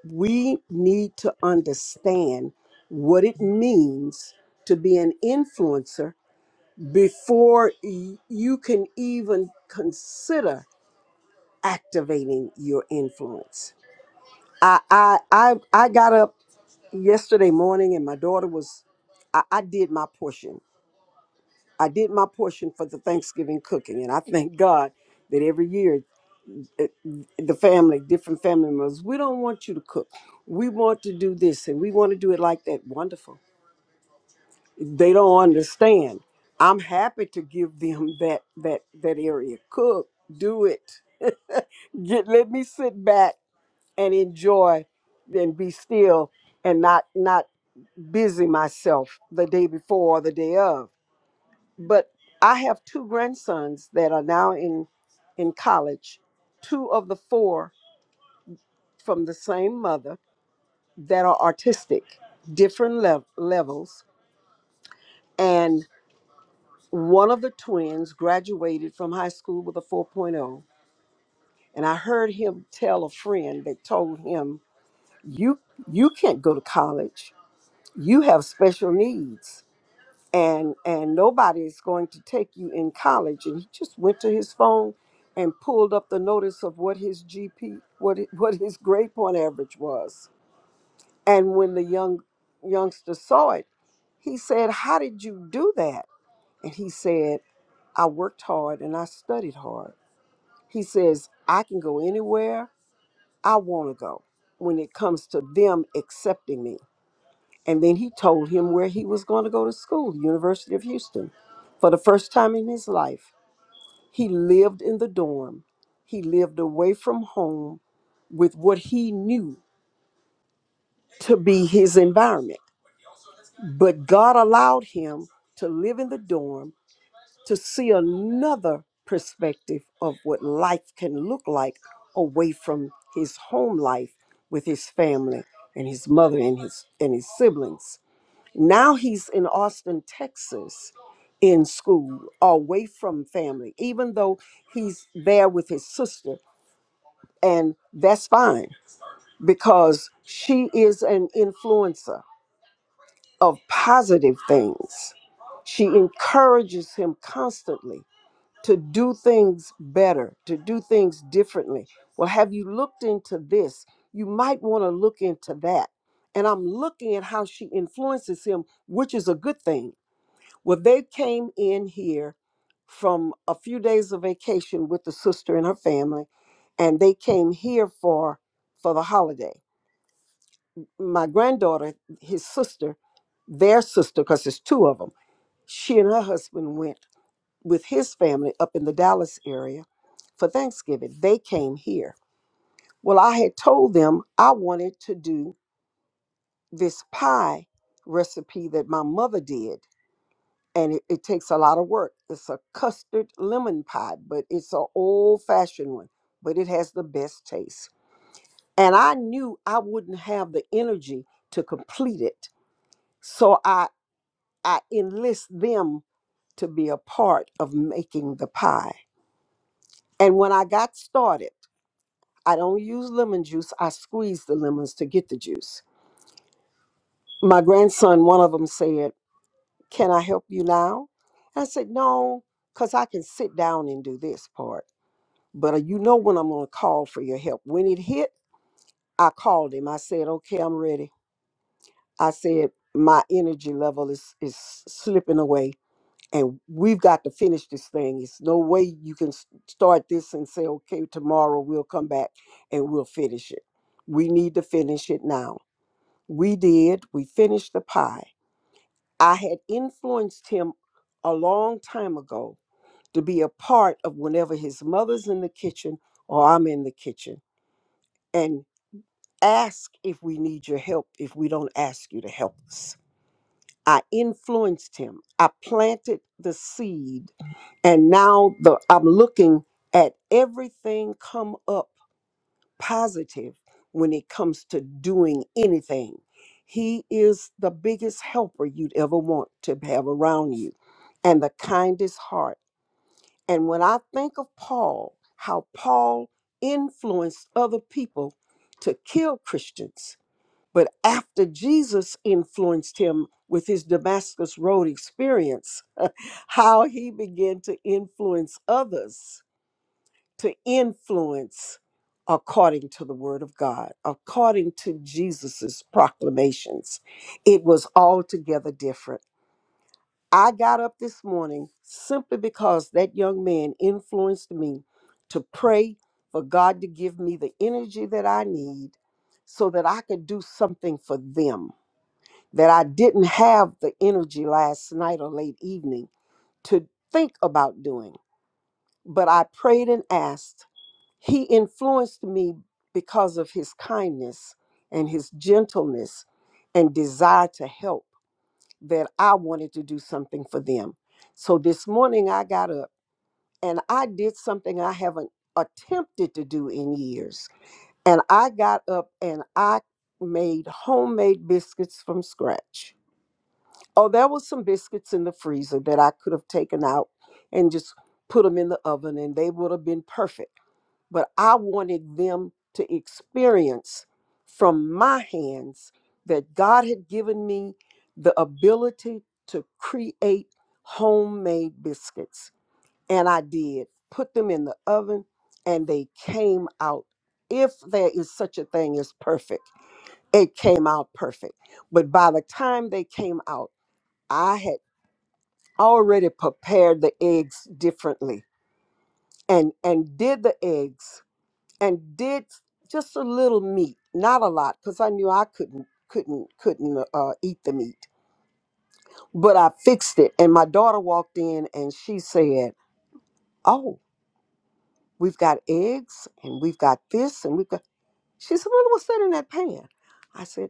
Speaker 7: we need to understand what it means to be an influencer before y- you can even consider activating your influence i i i, I got up yesterday morning and my daughter was I, I did my portion I did my portion for the Thanksgiving cooking, and I thank God that every year it, the family, different family members, we don't want you to cook. We want to do this, and we want to do it like that. Wonderful. They don't understand. I'm happy to give them that that that area. Cook, do it. Get, let me sit back and enjoy, and be still, and not not busy myself the day before or the day of. but I have two grandsons that are now in in college, two of the four from the same mother that are artistic, different lev- levels, and one of the twins graduated from high school with a 4.0, and I heard him tell a friend that told him, "You you can't go to college. You have special needs." and and nobody is going to take you in college and he just went to his phone and pulled up the notice of what his gp what it- what his grade point average was and when the young youngster saw it he said how did you do that and he said i worked hard and i studied hard he says i can go anywhere i want to go when it comes to them accepting me and then he told him where he was going to go to school, University of Houston. For the first time in his life, he lived in the dorm. He lived away from home with what he knew to be his environment. But God allowed him to live in the dorm to see another perspective of what life can look like away from his home life with his family and his mother and his and his siblings. Now he's in Austin, Texas, in school, away from family, even though he's there with his sister. And that's fine because she is an influencer of positive things. She encourages him constantly to do things better, to do things differently. Well, have you looked into this? You might want to look into that. And I'm looking at how she influences him, which is a good thing well, they came in here from a few days of vacation with the sister and her family, and they came here for for the holiday. My granddaughter, his sister, their sister, because there's two of them, she and her husband went with his family up in the Dallas area for Thanksgiving. They came here. Well, I had told them I wanted to do this pie recipe that my mother did and it, it takes a lot of work. It's a custard lemon pie, but it's an old fashioned one, but it has the best taste. And I knew I wouldn't have the energy to complete it. So I, I enlist them to be a part of making the pie. And when I got started, I don't use lemon juice, I squeeze the lemons to get the juice. My grandson, one of them said, Can I help you now? I said, No, because I can sit down and do this part. But uh, you know when I'm going to call for your help. When it hit, I called him. I said, "Okay, I'm ready." I said, "My energy level is is slipping away, and we've got to finish this thing. It's no way you can s- start this and say, "Okay, tomorrow we'll come back and we'll finish it." We need to finish it now. We did. We finished the pie. I had influenced him a long time ago to be a part of whenever his mother's in the kitchen or I'm in the kitchen. And ask if we need your help if we don't ask you to help us. I influenced him. I planted the seed and now the I'm looking at everything come up positive when it comes to doing anything. He is the biggest helper you'd ever want to have around you and the kindest heart. And when I think of Paul, how Paul influenced other people to kill Christians, but after Jesus influenced him with his Damascus Road experience, how he began to influence others to influence according to the word of God, according to Jesus's proclamations. It was altogether different. I got up this morning simply because that young man influenced me to pray for God to give me the energy that I need so that I could do something for them that I didn't have the energy last night or late evening to think about doing. But I prayed and asked. He influenced me because of his kindness and his gentleness and desire to help that I wanted to do something for them. So this morning I got up and I did something I haven't attempted to do in years. And I got up and I made homemade biscuits from scratch Oh, there was some biscuits in the freezer that I could have taken out and just put them in the oven and they would have been perfect. But I wanted them to experience from my hands that God had given me the ability to create homemade biscuits. And I did. Put them in the oven and they came out. If there is such a thing as perfect, it came out perfect. But by the time they came out, I had already prepared the eggs differently and and did the eggs and did just a little meat not a lot because i knew i couldn't couldn't couldn't uh, uh, eat the meat but i fixed it and my daughter walked in and she said oh we've got eggs and we've got this and we've got she said well what's that in that pan i said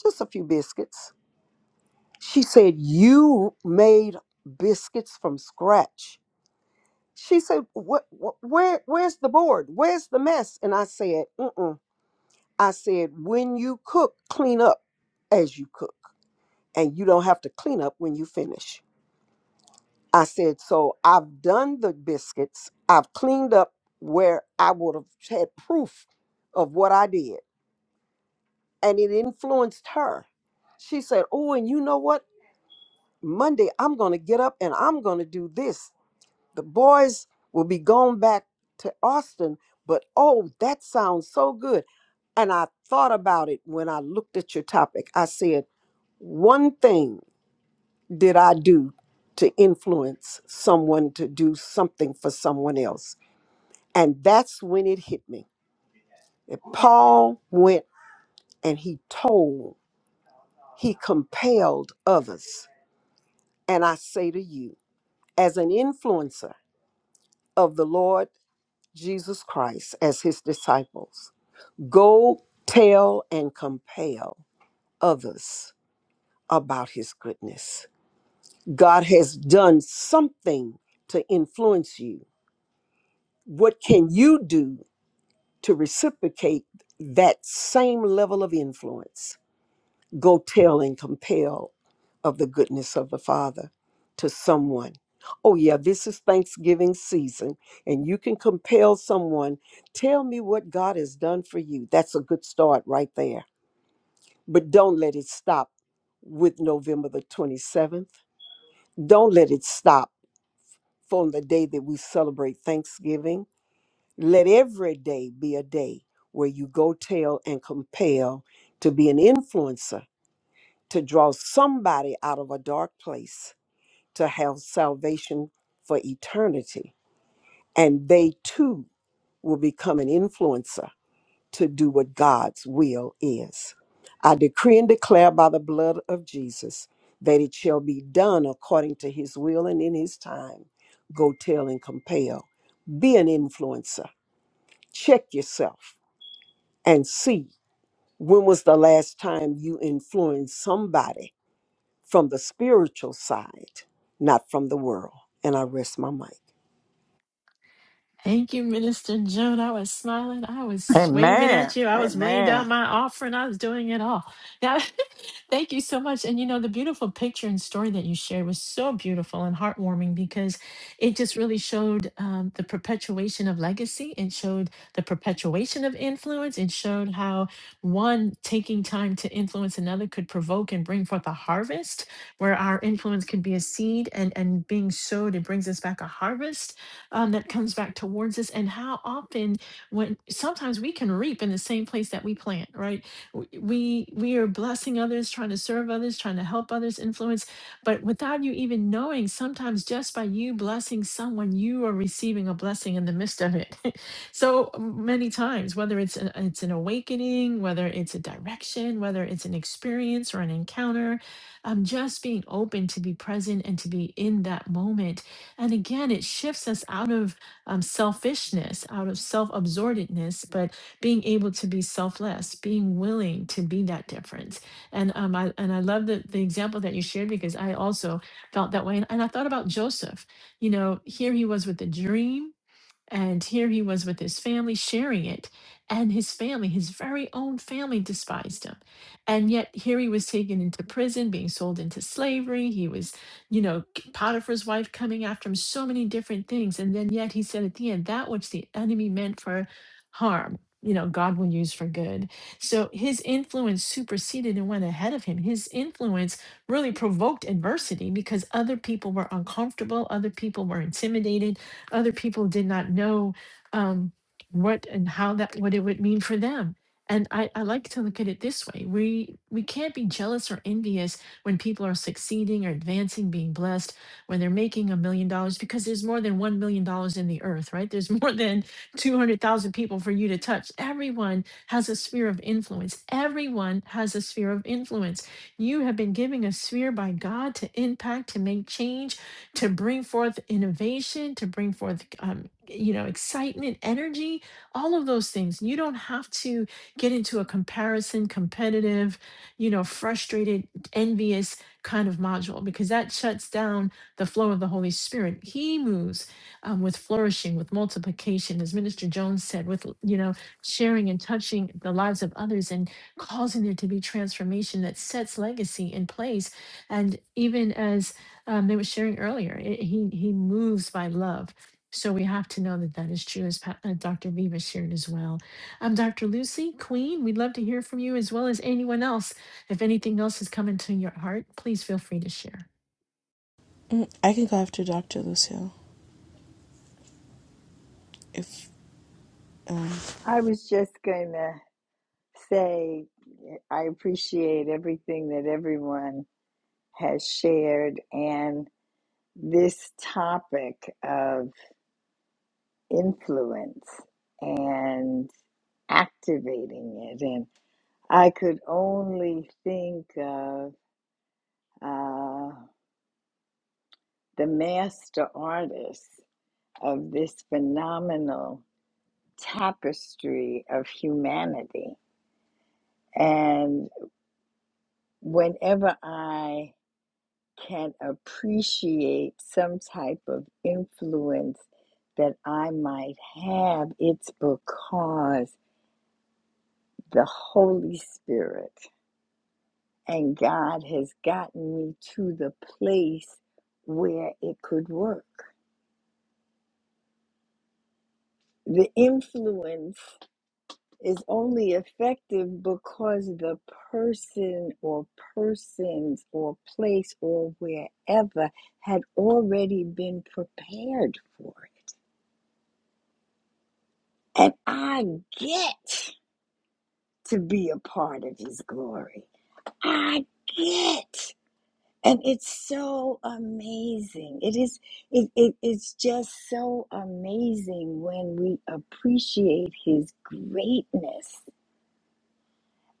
Speaker 7: just a few biscuits she said you made biscuits from scratch She said, what, what, where, where's the board? Where's the mess? And I said, mm-mm. I said, when you cook, clean up as you cook. And you don't have to clean up when you finish. I said, so I've done the biscuits. I've cleaned up where I would have had proof of what I did. And it influenced her. She said, oh, and you know what? Monday, I'm going to get up and I'm going to do this the boys will be going back to Austin, but oh, that sounds so good. And I thought about it when I looked at your topic. I said, one thing did I do to influence someone to do something for someone else. And that's when it hit me. That Paul went and he told, he compelled others. And I say to you, as an influencer of the Lord Jesus Christ, as his disciples, Go tell and compel others about his goodness. God has done something to influence you. What can you do to reciprocate that same level of influence? Go tell and compel of the goodness of the Father to someone. Oh, yeah, this is Thanksgiving season, and you can compel someone, tell me what God has done for you. That's a good start right there but don't let it stop with November the 27th. Don't let it stop from the day that we celebrate Thanksgiving. Let every day be a day where you go tell and compel to be an influencer, to draw somebody out of a dark place, to have salvation for eternity. And they too will become an influencer to do what God's will is. I decree and declare by the blood of Jesus that it shall be done according to his will and in his time. Go tell and compel. Be an influencer. Check yourself and see when was the last time you influenced somebody from the spiritual side, not from the world. And I rest my mic.
Speaker 1: Thank you, Minister Joan. I was smiling. I was waving
Speaker 4: Amen.
Speaker 1: at you. I was laying
Speaker 4: Amen.
Speaker 1: down my offering. I was doing it all. Yeah, thank you so much. And you know, the beautiful picture and story that you shared was so beautiful and heartwarming because it just really showed um, the perpetuation of legacy. It showed the perpetuation of influence. It showed how one taking time to influence another could provoke and bring forth a harvest where our influence could be a seed and, and being sowed, it brings us back a harvest um, that comes back towards us and how often when sometimes we can reap in the same place that we plant right W- we we are blessing others trying to serve others trying to help others influence but without you even knowing sometimes just by you blessing someone you are receiving a blessing in the midst of it so many times whether it's an, it's an awakening whether it's a direction whether it's an experience or an encounter um, just being open to be present and to be in that moment and again, it shifts us out of um, selfishness, out of self absorbedness, but being able to be selfless, being willing to be that difference. And um, I and I love the the example that you shared because I also felt that way. And, and I thought about Joseph. You know, here he was with a dream. And here he was with his family sharing it. And his family, his very own family, despised him. And yet here he was taken into prison, being sold into slavery. He was, you know, K- Potiphar's wife coming after him, so many different things. And then yet he said at the end, that which the enemy meant for harm. You know, God will use for good. So his influence superseded and went ahead of him. His influence really provoked adversity because other people were uncomfortable, other people were intimidated, other people did not know um, what and how that what it would mean for them. And I, I like to look at it this way: we we can't be jealous or envious when people are succeeding or advancing, being blessed, when they're making a million dollars, because there's more than one million dollars in the earth, right? There's more than two hundred thousand people for you to touch. Everyone has a sphere of influence. Everyone has a sphere of influence. You have been given a sphere by God to impact, to make change, to bring forth innovation, to bring forth, um, you know, excitement, energy, all of those things. You don't have to get into a comparison, competitive, you know, frustrated, envious kind of module because that shuts down the flow of the Holy Spirit. He moves um, with flourishing, with multiplication, as Minister Jones said, with, you know, sharing and touching the lives of others and causing there to be transformation that sets legacy in place. And even as um, they were sharing earlier. It, he he moves by love, so we have to know that that is true, as Pa- uh, Dr. Viva shared as well. Um, Dr. Lucy Queen, we'd love to hear from you as well as anyone else. If anything else has come into your heart, please feel free to share.
Speaker 8: Mm, I can go after Dr. Lucio if. Um,
Speaker 9: I was just going to say I appreciate everything that everyone has shared and this topic of influence and activating it. And I could only think of uh, the master artists of this phenomenal tapestry of humanity. And whenever I can appreciate some type of influence that I might have, it's because the Holy Spirit and God has gotten me to the place where it could work. The influence is only effective because the person or persons or place or wherever had already been prepared for it And I get to be a part of his glory. I get. And it's so amazing. It is it, it it's just so amazing when we appreciate his greatness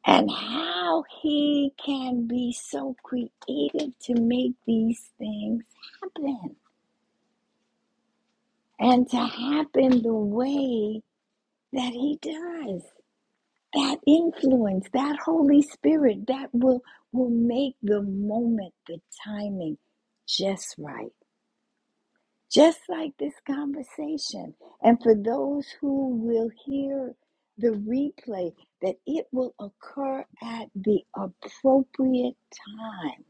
Speaker 9: and how he can be so creative to make these things happen and to happen the way that he does. that influence, that Holy Spirit, that will will make the moment, the timing just right. Just like this conversation. And for those who will hear the replay, that it will occur at the appropriate time.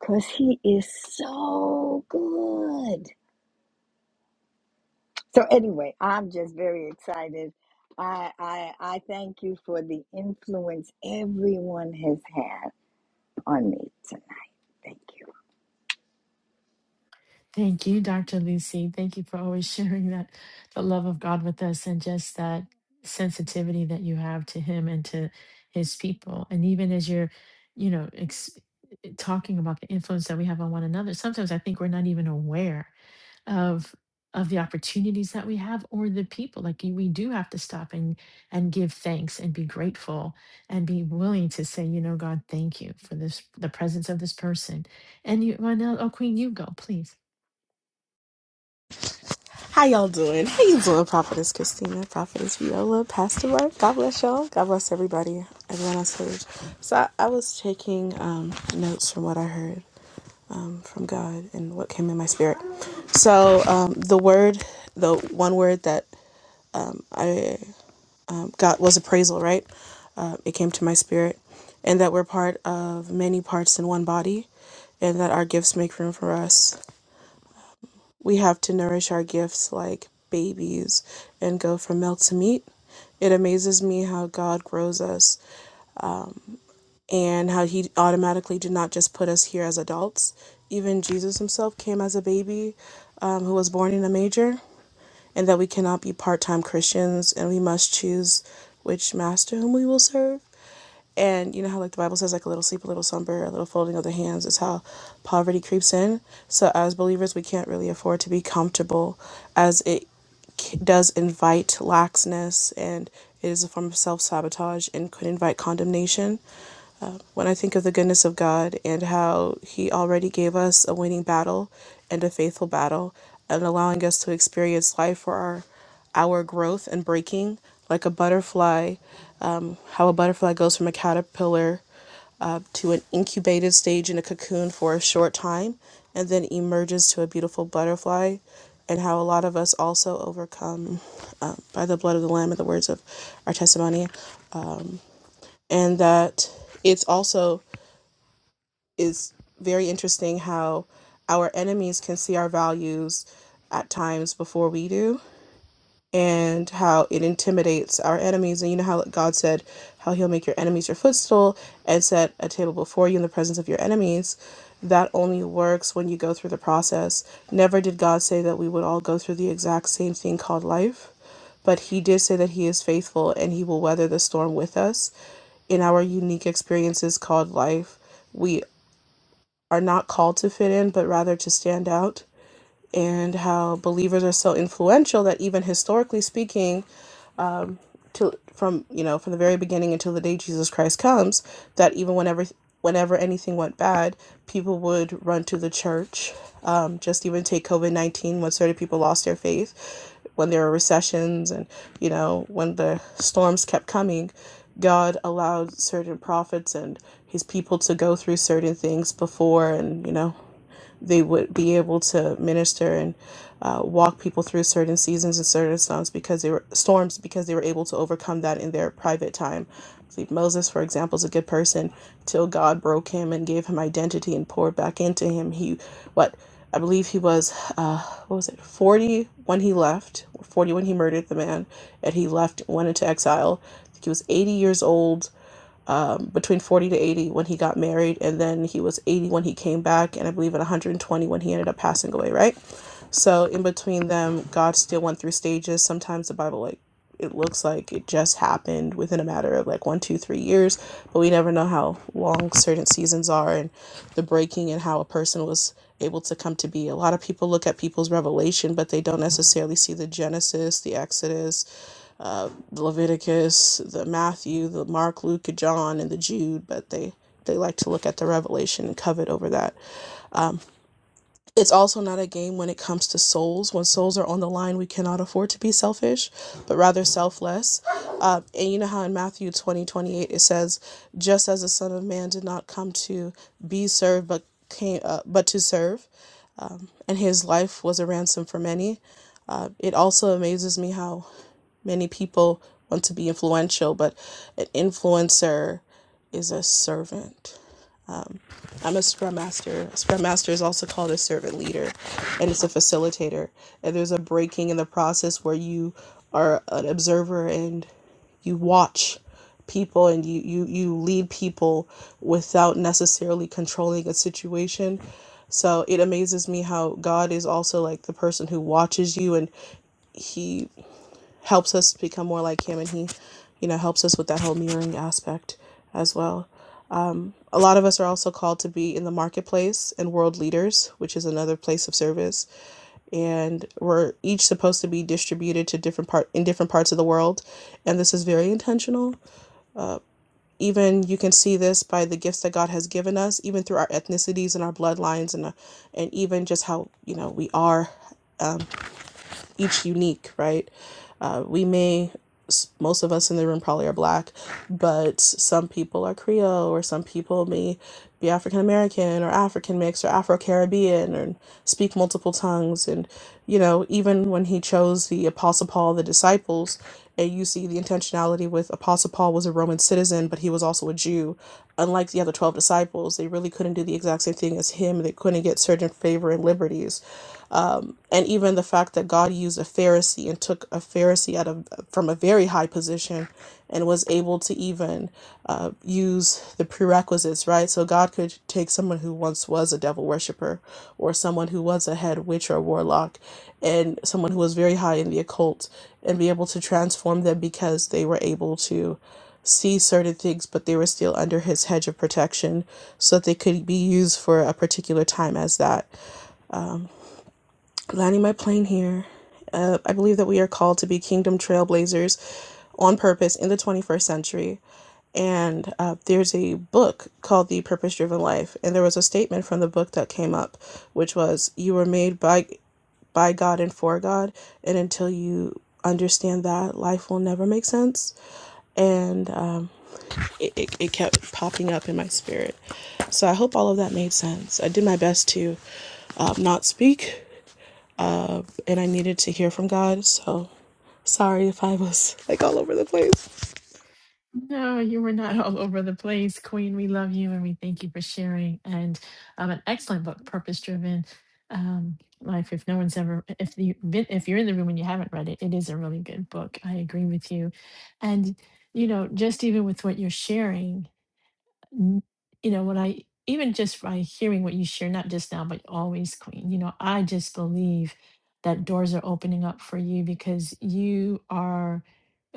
Speaker 9: Because he is so good. So anyway, I'm just very excited. I, I I thank you for the influence everyone has had on me tonight. Thank you.
Speaker 1: Thank you, Dr. Lucy. Thank you for always sharing that the love of God with us and just that sensitivity that you have to Him and to His people. And even as you're, you know, ex- talking about the influence that we have on one another, sometimes I think we're not even aware of of the opportunities that we have or the people like you- we do have to stop and and give thanks and be grateful and be willing to say you know god thank you for this the presence of this person and you well now oh queen you go please
Speaker 8: how y'all doing? How you doing, Prophetess Christina, Prophetess Viola, Pastor Mark? God bless y'all. God bless everybody, everyone on stage. So I, I was taking um, notes from what I heard um, from God and what came in my spirit. So um, the word, the one word that I got was appraisal, right? Uh, it came to my spirit, and that we're part of many parts in one body, and that our gifts make room for us We have to nourish our gifts like babies and go from milk to meat. It amazes me how God grows us and how He automatically did not just put us here as adults. Even Jesus Himself came as a baby um, who was born in a manger and that we cannot be part time Christians and we must choose which master whom we will serve. And you know how like the Bible says like a little sleep, a little slumber, a little folding of the hands is how poverty creeps in. So as believers, we can't really afford to be comfortable, as it c- does invite laxness and it is a form of self sabotage and could invite condemnation. When I think of the goodness of God and how He already gave us a winning battle and a faithful battle, and allowing us to experience life for our, our growth and breaking, like a butterfly, how a butterfly goes from a caterpillar uh, to an incubated stage in a cocoon for a short time and then emerges to a beautiful butterfly, and how a lot of us also overcome um, by the blood of the Lamb and the words of our testimony, and that it's also is very interesting how our enemies can see our values at times before we do and how it intimidates our enemies and you know how god said how he'll make your enemies your footstool and set a table before you in the presence of your enemies that only works when you go through the process never did god say that we would all go through the exact same thing called life but he did say that he is faithful and he will weather the storm with us in our unique experiences called life. we are not called to fit in, but rather to stand out, and how believers are so influential that even historically speaking, to from you know from the very beginning until the day Jesus Christ comes, that even whenever whenever anything went bad, people would run to the church. Um, just even take COVID nineteen, when certain people lost their faith, when there were recessions, and you know when the storms kept coming, God allowed certain prophets and His people to go through certain things before, and you know they would be able to minister and uh, walk people through certain seasons and certain storms because they were storms because they were able to overcome that in their private time. I believe Moses, for example, is a good person till God broke him and gave him identity and poured back into him. He what I believe he was uh, what was it forty when he left, forty when he murdered the man, and he left went into exile. I think he was eighty years old um, between 40 to 80 when he got married, and then he was 80 when he came back, and I believe at 120 when he ended up passing away, right? So in between them, God still went through stages. Sometimes the Bible, like, it looks like it just happened within a matter of like one, two, three years, but we never know how long certain seasons are and the breaking and how a person was able to come to be. A lot of people look at people's revelation, but they don't necessarily see the Genesis, the Exodus, the Leviticus, the Matthew, the Mark, Luke, and John, and the Jude, but they they like to look at the Revelation and covet over that. It's also not a game when it comes to souls. When souls are on the line, we cannot afford to be selfish, but rather selfless. Uh, and you know how in Matthew twenty twenty eight it says, "Just as the Son of Man did not come to be served, but came uh, but to serve, and his life was a ransom for many." Uh, it also amazes me how Many people want to be influential, but an influencer is a servant. I'm a scrum master. A scrum master is also called a servant leader, and it's a facilitator. And there's a breaking in the process where you are an observer and you watch people and you you you lead people without necessarily controlling a situation. So it amazes me how God is also like the person who watches you and He helps us become more like him and he you know helps us with that whole mirroring aspect as well a lot of us are also called to be in the marketplace and world leaders which is another place of service and we're each supposed to be distributed to different part in different parts of the world and this is very intentional even you can see this by the gifts that god has given us even through our ethnicities and our bloodlines and uh, and even just how you know we are each unique, right? Uh, we may, most of us in the room probably are black, but some people are Creole, or some people may be African American, or African mixed, or Afro Caribbean, and speak multiple tongues. And, you know, even when he chose the Apostle Paul, the disciples, and you see the intentionality with Apostle Paul was a Roman citizen, but he was also a Jew. Unlike the other 12 disciples, they really couldn't do the exact same thing as him. They couldn't get certain favor and liberties and even the fact that God used a Pharisee and took a Pharisee out of from a very high position and was able to even uh, use the prerequisites, right? So God could take someone who once was a devil worshiper or someone who was a head witch or warlock and someone who was very high in the occult and be able to transform them because they were able to see certain things but they were still under his hedge of protection so that they could be used for a particular time as that landing my plane here. Uh, I believe that we are called to be kingdom trailblazers on purpose in the 21st century. And uh, there's a book called The Purpose Driven Life. And there was a statement from the book that came up, which was, You were made by, by God and for God. And until you understand that, life will never make sense. And um, it, it, it kept popping up in my spirit. So I hope all of that made sense. I did my best to um, not speak uh, and I needed to hear from God. So sorry if I was like all over the place.
Speaker 1: No, you were not all over the place, Queen. We love you and we thank you for sharing. And um, an excellent book, Purpose Driven um, Life. If no one's ever, if you been, if you're in the room and you haven't read it, it is a really good book. I agree with you. And you know, just even with what you're sharing n- you know, when I even just by hearing what you share, not just now, but always, Queen, you know, I just believe that doors are opening up for you because you are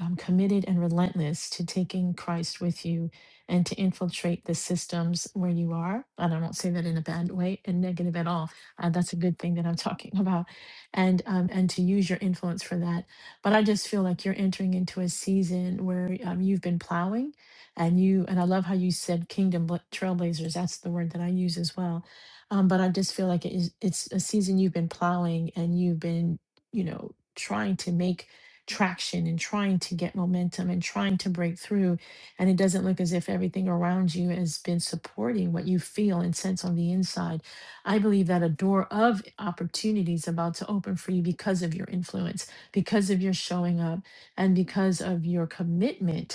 Speaker 1: um, committed and relentless to taking Christ with you and to infiltrate the systems where you are. And I don't say that in a bad way and negative at all. Uh, that's a good thing that I'm talking about, and um, and to use your influence for that. But I just feel like you're entering into a season where um, you've been plowing and you and i love how you said kingdom bla- trailblazers that's the word that i use as well um, but i just feel like it is, it's a season you've been plowing and you've been you know trying to make traction and trying to get momentum and trying to break through and it doesn't look as if everything around you has been supporting what you feel and sense on the inside i believe that a door of opportunities about to open for you because of your influence because of your showing up and because of your commitment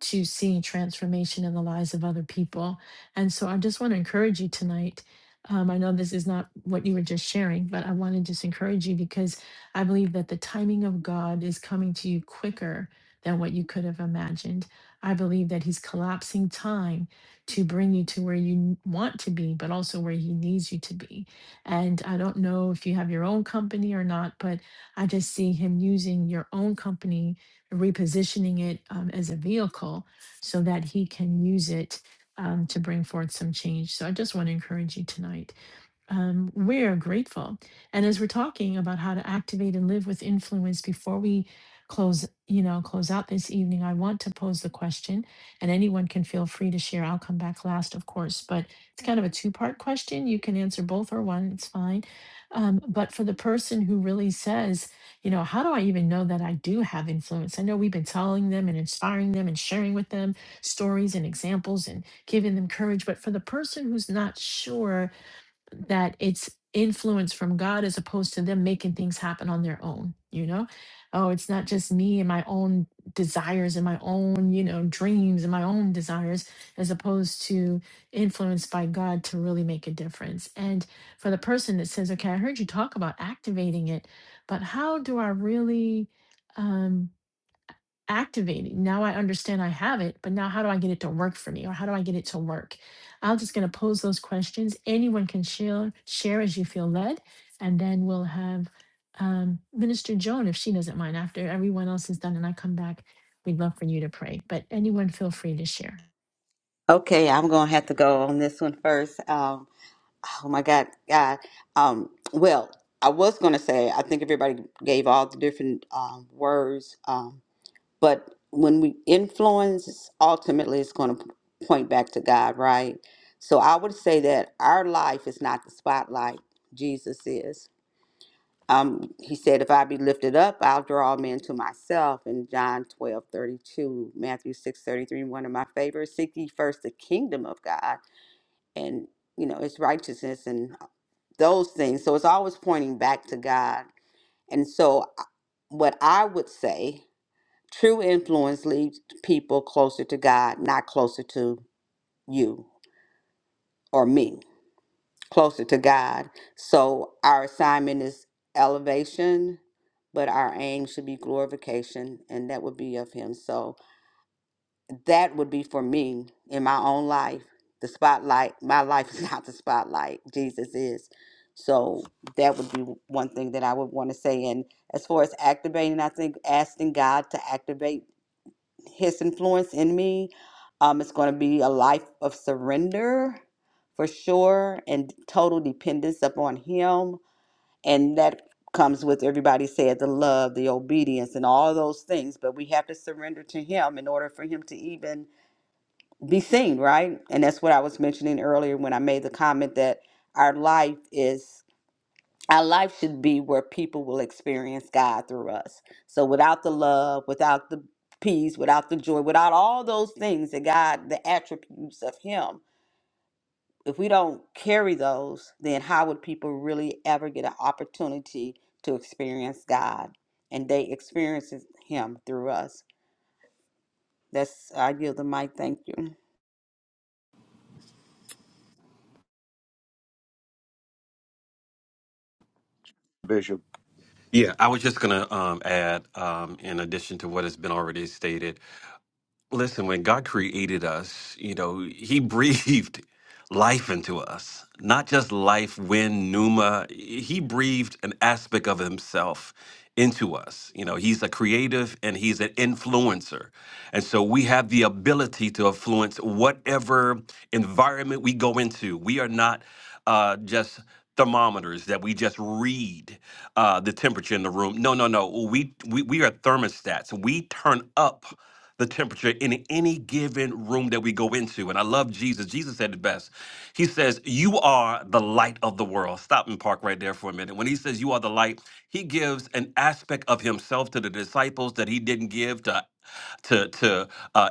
Speaker 1: to seeing transformation in the lives of other people. And so I just want to encourage you tonight. Um, I know this is not what you were just sharing, but I want to just encourage you because I believe that the timing of God is coming to you quicker than what you could have imagined. I believe that He's collapsing time to bring you to where you n- want to be, but also where He needs you to be. And I don't know if you have your own company or not, but I just see Him using your own company repositioning it um, as a vehicle so that he can use it um, to bring forth some change. So I just want to encourage you tonight. Um, we are grateful. And as we're talking about how to activate and live with influence before we close, you know, close out this evening, I want to pose the question and anyone can feel free to share. I'll come back last, of course, but it's kind of a two part question. You can answer both or one, it's fine. Um, but for the person who really says, you know, how do I even know that I do have influence? I know we've been telling them and inspiring them and sharing with them stories and examples and giving them courage. But for the person who's not sure, that it's influence from God as opposed to them making things happen on their own, you know? Oh, it's not just me and my own desires and my own, you know, dreams and my own desires, as opposed to influenced by God to really make a difference. And for the person that says, okay, I heard you talk about activating it, but how do I really? um, activating. Now I understand I have it, but now how do I get it to work for me or how do I get it to work? I'm just going to pose those questions. Anyone can share share as you feel led, and then we'll have um, Minister Joan if she doesn't mind. After everyone else is done and I come back, we'd love for you to pray. But anyone feel free to share.
Speaker 3: Okay, I'm gonna have to go on this one first. Um, oh my God, God. Um, well, I was gonna say I think everybody gave all the different um, words, um, but when we influence, ultimately, it's gonna point back to God, right? So I would say that our life is not the spotlight. Jesus is. Um, he said, "If I be lifted up, I'll draw men to myself." In John twelve thirty two, Matthew six thirty three, one of my favorites. Seek ye first the kingdom of God and you know it's righteousness and uh, those things so it's always pointing back to god and so I- what i would say true influence leads people closer to god not closer to you or me closer to god so our assignment is elevation but our aim should be glorification and that would be of him so that would be for me in my own life. The spotlight, my life is not the spotlight. Jesus is. So that would be one thing that I would want to say. And as far as activating, I think asking God to activate His influence in me, um, it's going to be a life of surrender for sure and total dependence upon Him. And that comes with everybody said the love, the obedience, and all those things. But we have to surrender to Him in order for Him to even be seen, right? And that's what I was mentioning earlier when I made the comment that our life is our life should be where people will experience God through us. So without the love, without the peace, without the joy, without all those things that God, the attributes of him, if we don't carry those, then how would people really ever get an opportunity to experience God? And they experience him through us. That's I yield the mic. Thank you.
Speaker 2: Bishop.
Speaker 5: Yeah, I was just gonna um, add, um, in addition to what has been already stated, Listen, when God created us, you know, He breathed life into us, not just life, wind, pneuma. He breathed an aspect of Himself into us. You know, He's a creative and He's an influencer. And so we have the ability to influence whatever environment we go into. We are not uh, just thermometers that we just read uh, the temperature in the room. No, no, no. We, we we are thermostats. We turn up the temperature in any given room that we go into. And I love Jesus. Jesus said it best. He says, You are the light of the world. Stop and park right there for a minute. When he says you are the light, he gives an aspect of himself to the disciples that he didn't give to to to uh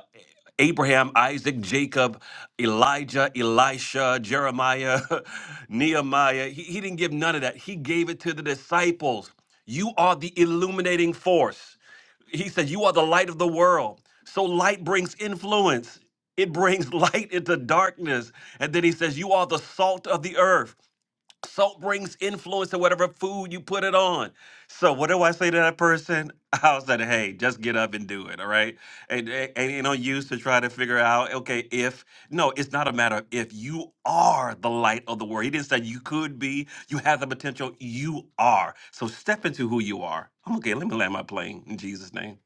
Speaker 5: Abraham, Isaac, Jacob, Elijah, Elisha, Jeremiah, Nehemiah. He, he didn't give none of that. He gave it to the disciples. You are the illuminating force. He said, You are the light of the world. So light brings influence, it brings light into darkness. And then he says, You are the salt of the earth. Salt brings influence to whatever food you put it on. So what do I say to that person? I'll say, hey, just get up and do it, all right? And, and, and you know, use to try to figure out, okay, if no, it's not a matter of if you are the light of the world. He didn't say you could be, you have the potential, you are. So step into who you are. I'm okay, let me land my plane in Jesus' name.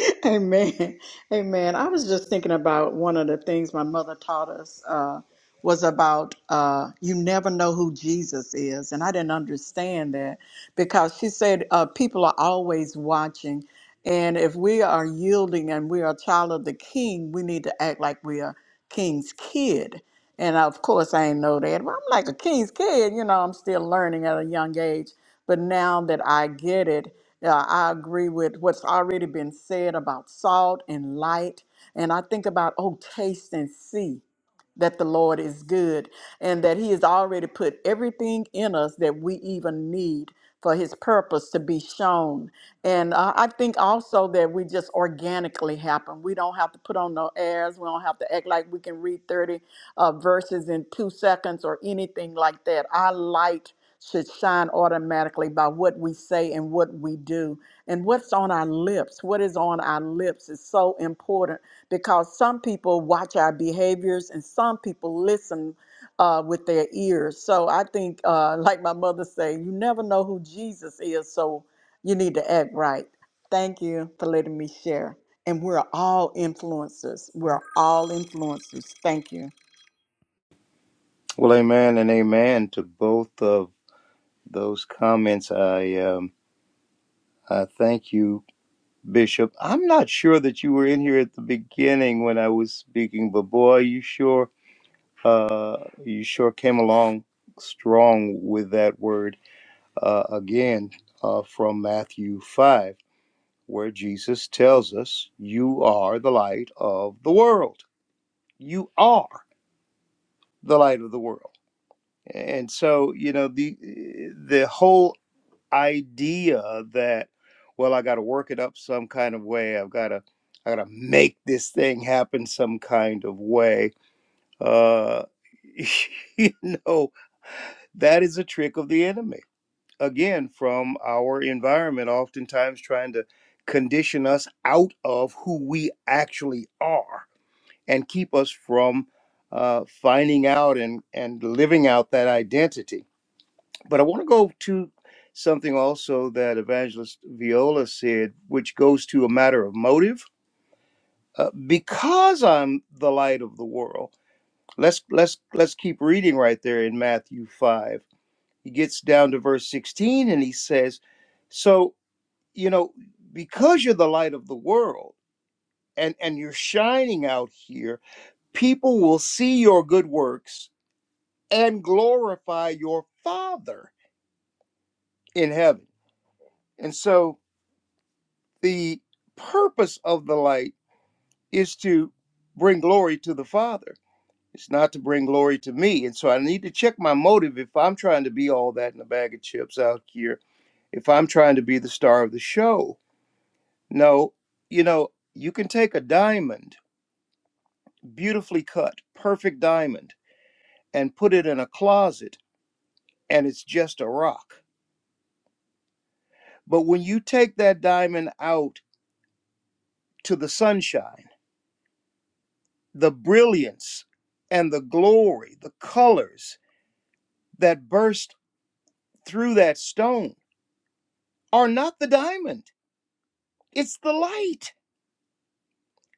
Speaker 4: Amen. Amen. I was just thinking about one of the things my mother taught us uh, was about uh, you never know who Jesus is. And I didn't understand that because she said uh, people are always watching. And if we are yielding and we are a child of the king, we need to act like we are king's kid. And of course, I ain't know that. But I'm like a king's kid, you know, I'm still learning at a young age. But now that I get it, uh, I agree with what's already been said about salt and light. And I think about, oh, taste and see that the Lord is good and that He has already put everything in us that we even need for His purpose to be shown. And uh, I think also that we just organically happen. We don't have to put on no airs. We don't have to act like we can read 30 uh, verses in two seconds or anything like that. Our light should shine automatically by what we say and what we do and what's on our lips, what is on our lips is so important because some people watch our behaviors and some people listen uh, with their ears. So I think, uh, like my mother say, you never know who Jesus is, so you need to act right. Thank you for letting me share. And we're all influencers. We're all influencers. Thank you.
Speaker 2: Well, amen and amen to both of those comments. I um, I thank you Bishop. I'm not sure that you were in here at the beginning when I was speaking, but boy, you sure uh, you sure came along strong with that word uh, again uh, from Matthew five, where Jesus tells us, "You are the light of the world. You are the light of the world." And so, you know, the the whole idea that well i got to work it up some kind of way i've got to i got to make this thing happen some kind of way uh you know that is a trick of the enemy again from our environment oftentimes trying to condition us out of who we actually are and keep us from uh, finding out and and living out that identity but I want to go to something also that Evangelist Viola said, which goes to a matter of motive. Uh, because I'm the light of the world. Let's let's let's keep reading right there in Matthew five. He gets down to verse sixteen and he says, "So you know, because you're the light of the world." And, and you're shining out here, people will see your good works and glorify your Father in heaven. And so the purpose of the light is to bring glory to the Father. It's not to bring glory to me. And so I need to check my motive if I'm trying to be all that in a bag of chips out here, if I'm trying to be the star of the show. No, you know, you can take a diamond, beautifully cut, perfect diamond, and put it in a closet, and it's just a rock. But when you take that diamond out to the sunshine, the brilliance and the glory, the colors. that burst through that stone are not the diamond, it's the light.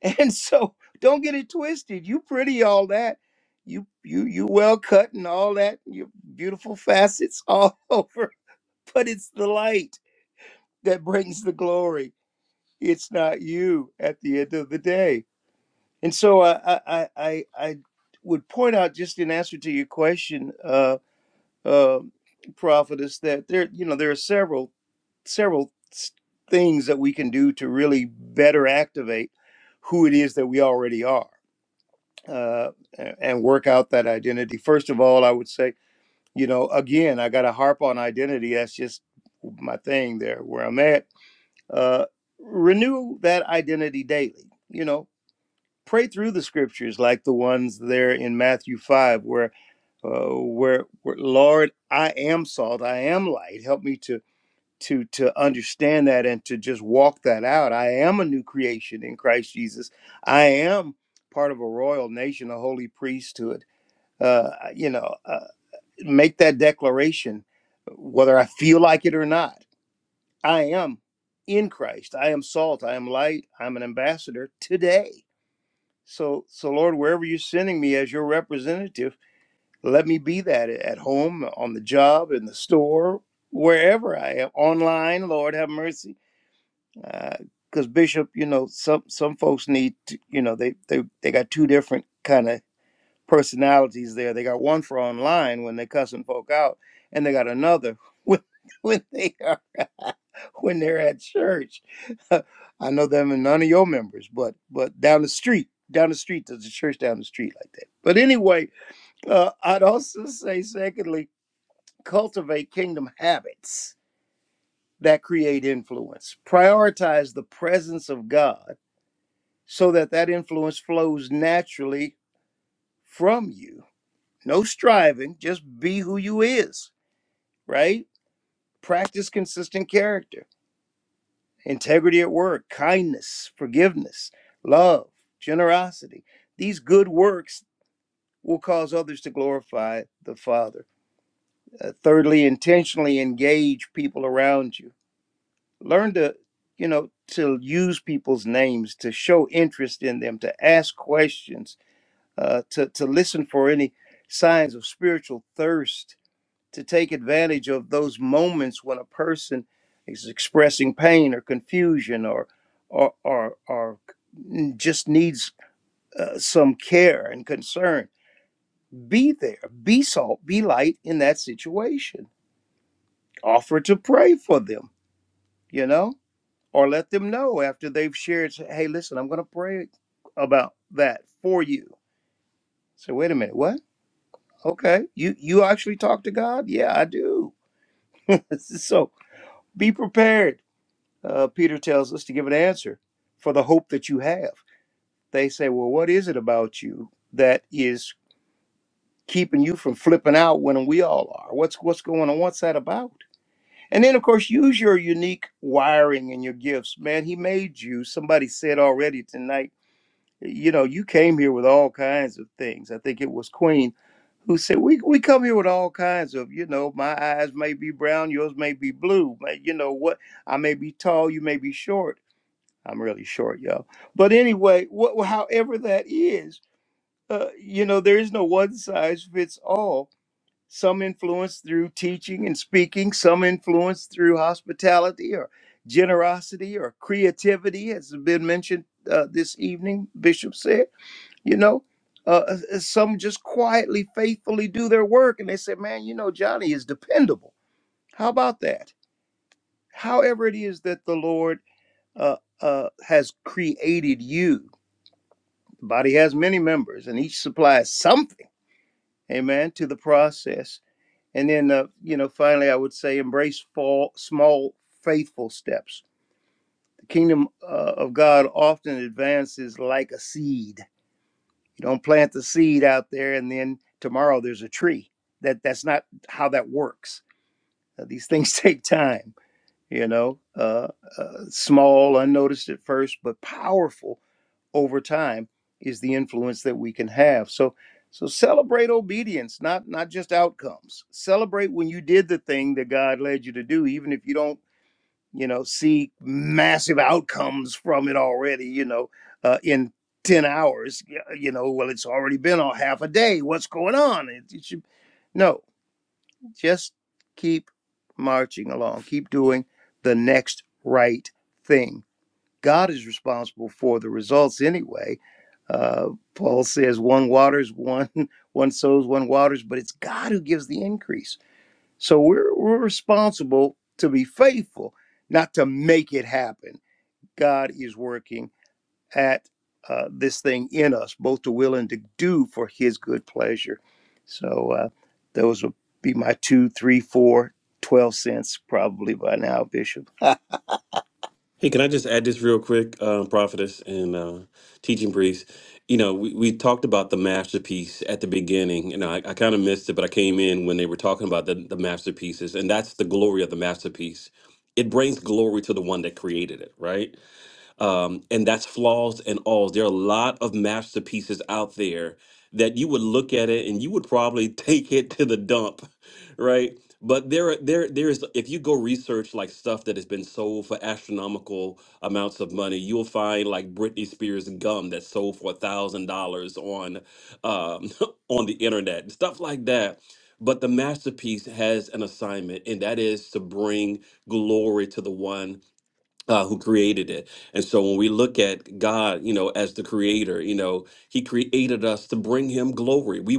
Speaker 2: And so don't get it twisted. You pretty all that. You you you well cut and all that. Your beautiful facets all over, but it's the light that brings the glory. It's not you at the end of the day. And so I I I I I would point out just in answer to your question uh, uh, prophetess that there you know there are several several s- things that we can do to really better activate who it is that we already are uh, a- and work out that identity first of all i would say you know again i got to harp on identity that's just my thing there where i'm at uh, renew that identity daily you know pray through the scriptures like the ones there in matthew 5 where uh, where, where Lord, I am salt, I am light. Help me to to to understand that and to just walk that out. I am a new creation in Christ Jesus. I am part of a royal nation, a holy priesthood. Uh, you know, uh, make that declaration, whether I feel like it or not. I am in Christ. I am salt. I am light. I'm an ambassador today. So, so Lord, wherever you're sending me as your representative. Let me be that at home, on the job, in the store, wherever I am, online. Lord have mercy, because uh, Bishop, you know, some some folks need, to, you know, they they they got two different kind of personalities there. They got one for online when they cussing folk out, and they got another when when they are when they're at church. I know them and none of your members, but but down the street, down the street, there's a church down the street like that. But anyway uh, I'd also say, secondly, cultivate kingdom habits that create influence. Prioritize the presence of God so that that influence flows naturally from you. No striving, just be who you is, right? Practice consistent character, integrity at work, kindness, forgiveness, love, generosity. These good works will cause others to glorify the Father. Uh, thirdly, intentionally engage people around you learn to you know to use people's names to show interest in them to ask questions uh, to, to listen for any signs of spiritual thirst to take advantage of those moments when a person is expressing pain or confusion or or or, or just needs uh, some care and concern be there be salt be light in that situation offer to pray for them you know or let them know after they've shared, say, hey, listen, I'm going to pray about that for you. So wait a minute, what? Okay, you you actually talk to God? Yeah, I do. so be prepared. Uh, Peter tells us to give an answer for the hope that you have. They say, well, what is it about you that is keeping you from flipping out when we all are? What's what's going on? What's that about? And then, of course, use your unique wiring and your gifts. Man, he made you. Somebody said already tonight you know, you came here with all kinds of things. I think it was Queen who said, "We we come here with all kinds of, you know, my eyes may be brown, yours may be blue, but you know what? I may be tall, you may be short. I'm really short, y'all. But anyway, wh- however that is, uh, you know, there is no one size fits all. Some influence through teaching and speaking, some influence through hospitality or generosity or creativity, as has been mentioned uh, this evening. Bishop said." you know uh, uh, uh, some just quietly faithfully do their work and they say man you know johnny is dependable how about that however it is that the lord uh, uh, has created you the body has many members and each supplies something amen to the process and then uh, you know finally i would say embrace fall, small faithful steps the kingdom uh, of god often advances like a seed You don't plant the seed out there and then tomorrow there's a tree. That that's not how that works. Uh, these things take time. You know, uh, uh, small, unnoticed at first, but powerful over time is the influence that we can have. So, so celebrate obedience, not not just outcomes. Celebrate when you did the thing that God led you to do, even if you don't you know, see massive outcomes from it already, you know, uh, in 10 hours, you know, well, it's already been on half a day. What's going on? It, it should, no, just keep marching along, keep doing the next right thing. God is responsible for the results anyway. Uh, Paul says one waters, one one sows, one waters, but it's God who gives the increase. So we're, we're responsible to be faithful, not to make it happen. God is working at uh, this thing in us, both to will and to do for His good pleasure. So uh, those would be my two, three, four, twelve cents probably by now, Bishop.
Speaker 5: Hey, can I just add this real quick, um, prophetess and uh, teaching priest? You know, we, we talked about the masterpiece at the beginning, and I, I kind of missed it, but I came in when they were talking about the, the masterpieces, and that's the glory of the masterpiece. It brings glory to the one that created it, right? um, and that's flaws and alls. There are a lot of masterpieces out there that you would look at it and you would probably take it to the dump, right? But there, are- there, there is. If you go research like stuff that has been sold for astronomical amounts of money, you'll find like Britney Spears gum that sold for a thousand dollars on, um, on the internet and stuff like that. But the masterpiece has an assignment, and that is to bring glory to the one uh, who created it. And so when we look at God, you know, as the creator, you know, he created us to bring him glory. We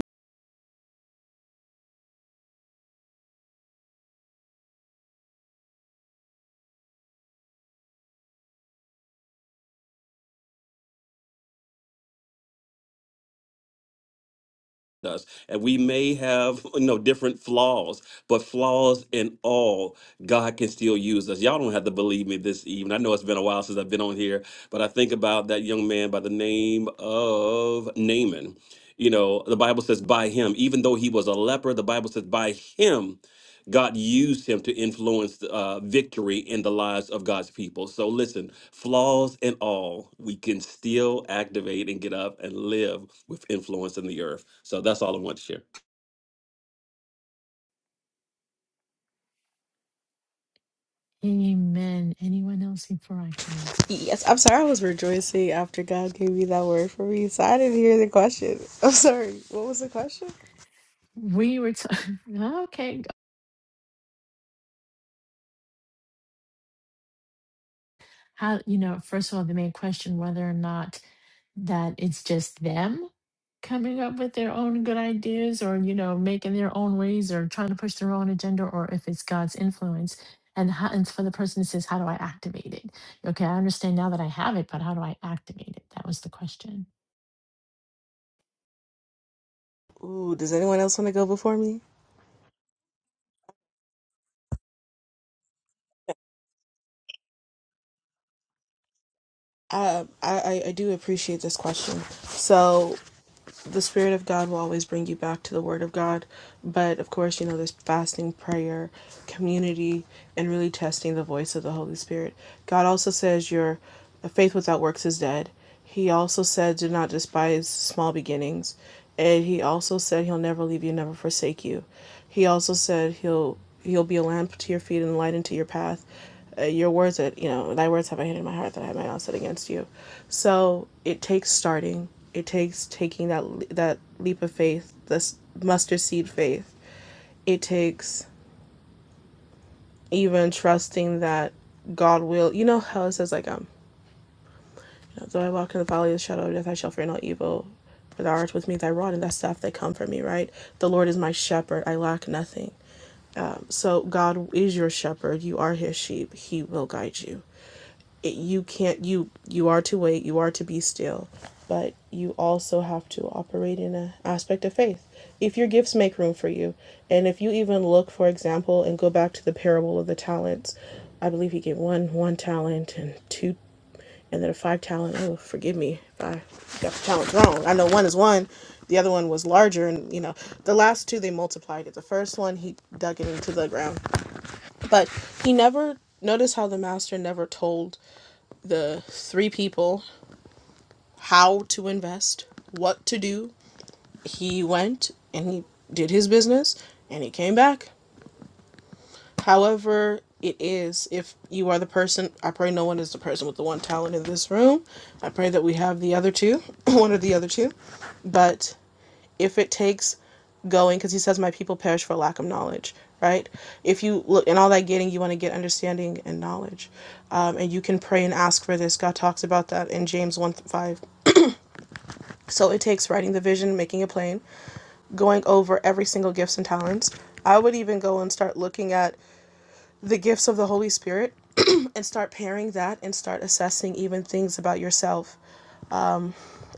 Speaker 5: us and we may have you know different flaws but flaws in all god can still use us y'all don't have to believe me this evening i know it's been a while since i've been on here but i think about that young man by the name of naaman you know the bible says by him even though he was a leper the bible says by him God used him to influence uh, victory in the lives of God's people. So listen, flaws and all, we can still activate and get up and live with influence in the earth. So that's all I want to share.
Speaker 1: Amen. Anyone else before I come in?
Speaker 8: Yes, I'm sorry. I was rejoicing after God gave me that word for me, so I didn't hear the question. I'm sorry. What was the question?
Speaker 1: We were t- okay. how you know first of all they may question whether or not that it's just them coming up with their own good ideas or you know making their own ways or trying to push their own agenda or if it's god's influence and, how, and for the person that says how do i activate it okay i understand now that i have it but how do i activate it that was the question
Speaker 8: Ooh, does anyone else want to go before me? Uh, I, I I do appreciate this question. So the spirit of god will always bring you back to the word of god but of course you know there's fasting prayer community and really testing the voice of the holy spirit god also says your faith without works is dead he also said do not despise small beginnings and he also said he'll never leave you never forsake you he also said he'll he'll be a lamp to your feet and light into your path uh, your words that you know thy words have i hid in my heart that i might not sin against you so it takes starting it takes taking that that leap of faith this mustard seed faith it takes even trusting that god will you know how it says like um you though i walk in the valley of the shadow of death i shall fear no evil for thou art with me thy rod and thy staff they comfort me right the lord is my shepherd i lack nothing so god is your shepherd you are his sheep he will guide you you can't you you are to wait you are to be still but you also have to operate in an aspect of faith if your gifts make room for you and if you even look for example and go back to the parable of the talents i believe he gave one one talent and two and then a five talent oh forgive me if i got the talents wrong i know one is one the other one was larger and you know the last two they multiplied it the first one he dug it into the ground but he never notice how the master never told the three people how to invest, what to do. He went and he did his business and he came back. However, it is if you are the person, I pray no one is the person with the one talent in this room. I pray that we have the other two, one or the other two. But if it takes going because he says my people perish for lack of knowledge right if you look in all that getting you want to get understanding and knowledge um, and you can pray and ask for this god talks about that in james 1 5 So it takes writing the vision, making it plain, going over every single gifts and talents. I would even go and start looking at the gifts of the Holy Spirit and start pairing that and start assessing even things about yourself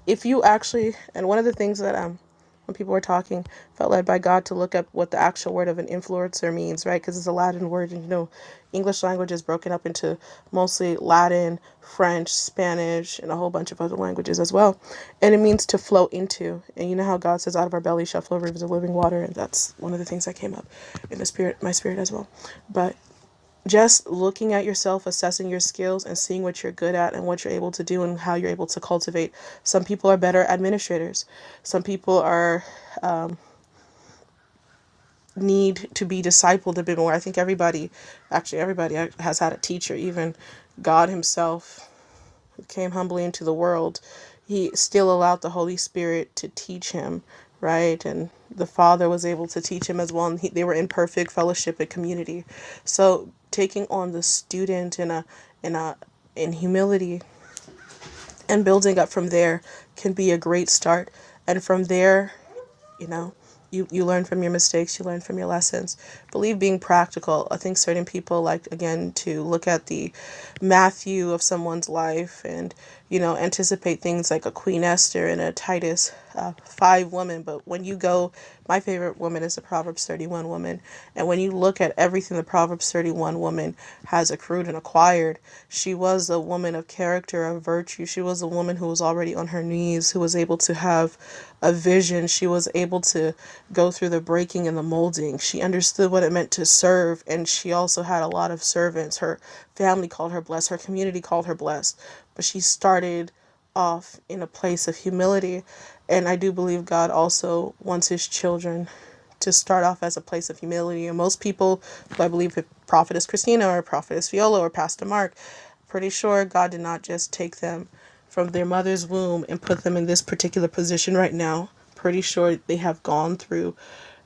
Speaker 8: if you actually and one of the things that um when people were talking felt led by god to look up what the actual word of an influencer means right because it's a latin word and you know english language is broken up into mostly latin french spanish and a whole bunch of other languages as well and it means to flow into and you know how god says out of our belly shall flow rivers of living water and that's one of the things that came up in the spirit my spirit as well but just looking at yourself, assessing your skills, and seeing what you're good at and what you're able to do and how you're able to cultivate. Some people are better administrators. Some people are need to be discipled a bit more. I think everybody, actually everybody, uh, has had a teacher, even God Himself came humbly into the world, he still allowed the Holy Spirit to teach him, right? And the Father was able to teach him as well, and he, they were in perfect fellowship and community. So taking on the student in a in a in humility and building up from there can be a great start. And from there you know you you learn from your mistakes you learn from your lessons believe being practical i think certain people like again to look at the matthew of someone's life and you know anticipate things like a queen esther and a titus uh, five woman but when you go my favorite woman is the proverbs 31 woman and when you look at everything the proverbs 31 woman has accrued and acquired. She was a woman of character, of virtue. She was a woman who was already on her knees, who was able to have a vision. She was able to go through the breaking and the molding. She understood what it meant to serve, and she also had a lot of servants. Her family called her blessed, her community called her blessed, but she started off in a place of humility. And I do believe God also wants his children to start off as a place of humility. And most people, who I believe, if Prophetess Christina or Prophetess Viola or Pastor Mark, pretty sure God did not just take them from their mother's womb and put them in this particular position right now. Pretty sure they have gone through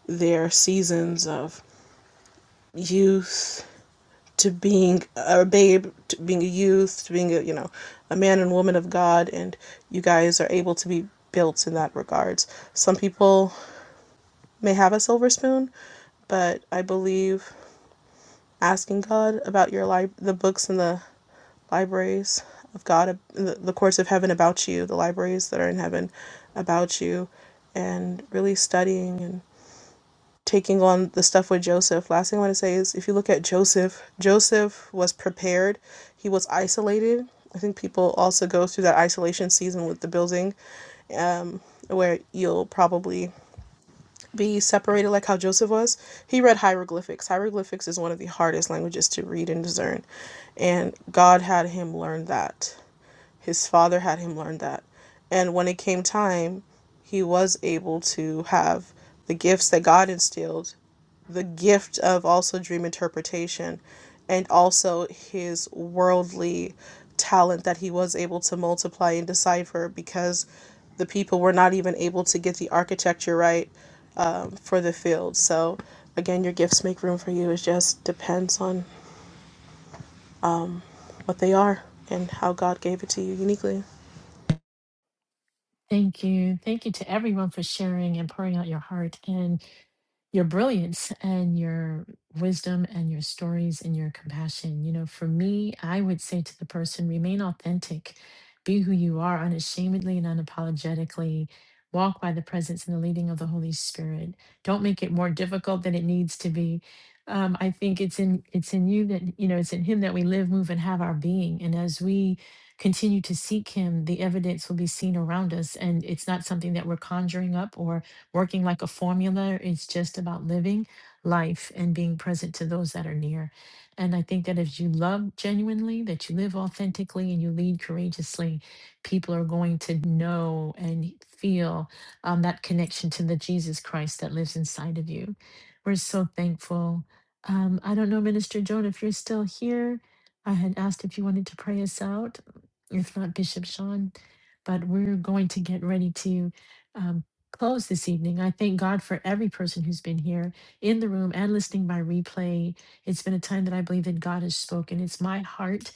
Speaker 8: their seasons of youth to being a babe, to being a youth, to being a you know a man and woman of God, and you guys are able to be built in that regards. Some people may have a silver spoon, but I believe asking God about your li- the books in the libraries of God, the, the courts of heaven about you, the libraries that are in heaven about you, and really studying and taking on the stuff with Joseph. Last thing I want to say is if you look at Joseph, Joseph was prepared, he was isolated. I think people also go through that isolation season with the building where you'll probably be separated like how Joseph was. He read hieroglyphics. Hieroglyphics is one of the hardest languages to read and discern, and God had him learn that. His father had him learn that. And when it came time, he was able to have the gifts that God instilled, the gift of also dream interpretation, and also his worldly talent that he was able to multiply and decipher because the people were not even able to get the architecture right um, for the field. So, again, your gifts make room for you. It just depends on what they are and how God gave it to you uniquely.
Speaker 1: thank you thank you to everyone for sharing and pouring out your heart and. your brilliance and your wisdom and your stories and your compassion. You know, for me, I would say to the person, remain authentic, be who you are unashamedly and unapologetically. Walk by the presence and the leading of the Holy Spirit. Don't make it more difficult than it needs to be. Um, I think it's in it's in you that you know it's in Him that we live, move, and have our being. And as we continue to seek Him, the evidence will be seen around us, and it's not something that we're conjuring up working like a formula. It's just about living life and being present to those that are near. And I think that if you love genuinely, that you live authentically and you lead courageously, people are going to know and feel um, that connection to the Jesus Christ that lives inside of you. We're so thankful. Um, I don't know, Minister Joan, if you're still here. I had asked if you wanted to pray us out, if not Bishop Sean, but we're going to get ready to. um, close this evening. I thank God for every person who's been here in the room and listening by replay. It's been a time that I believe that God has spoken. It's my heart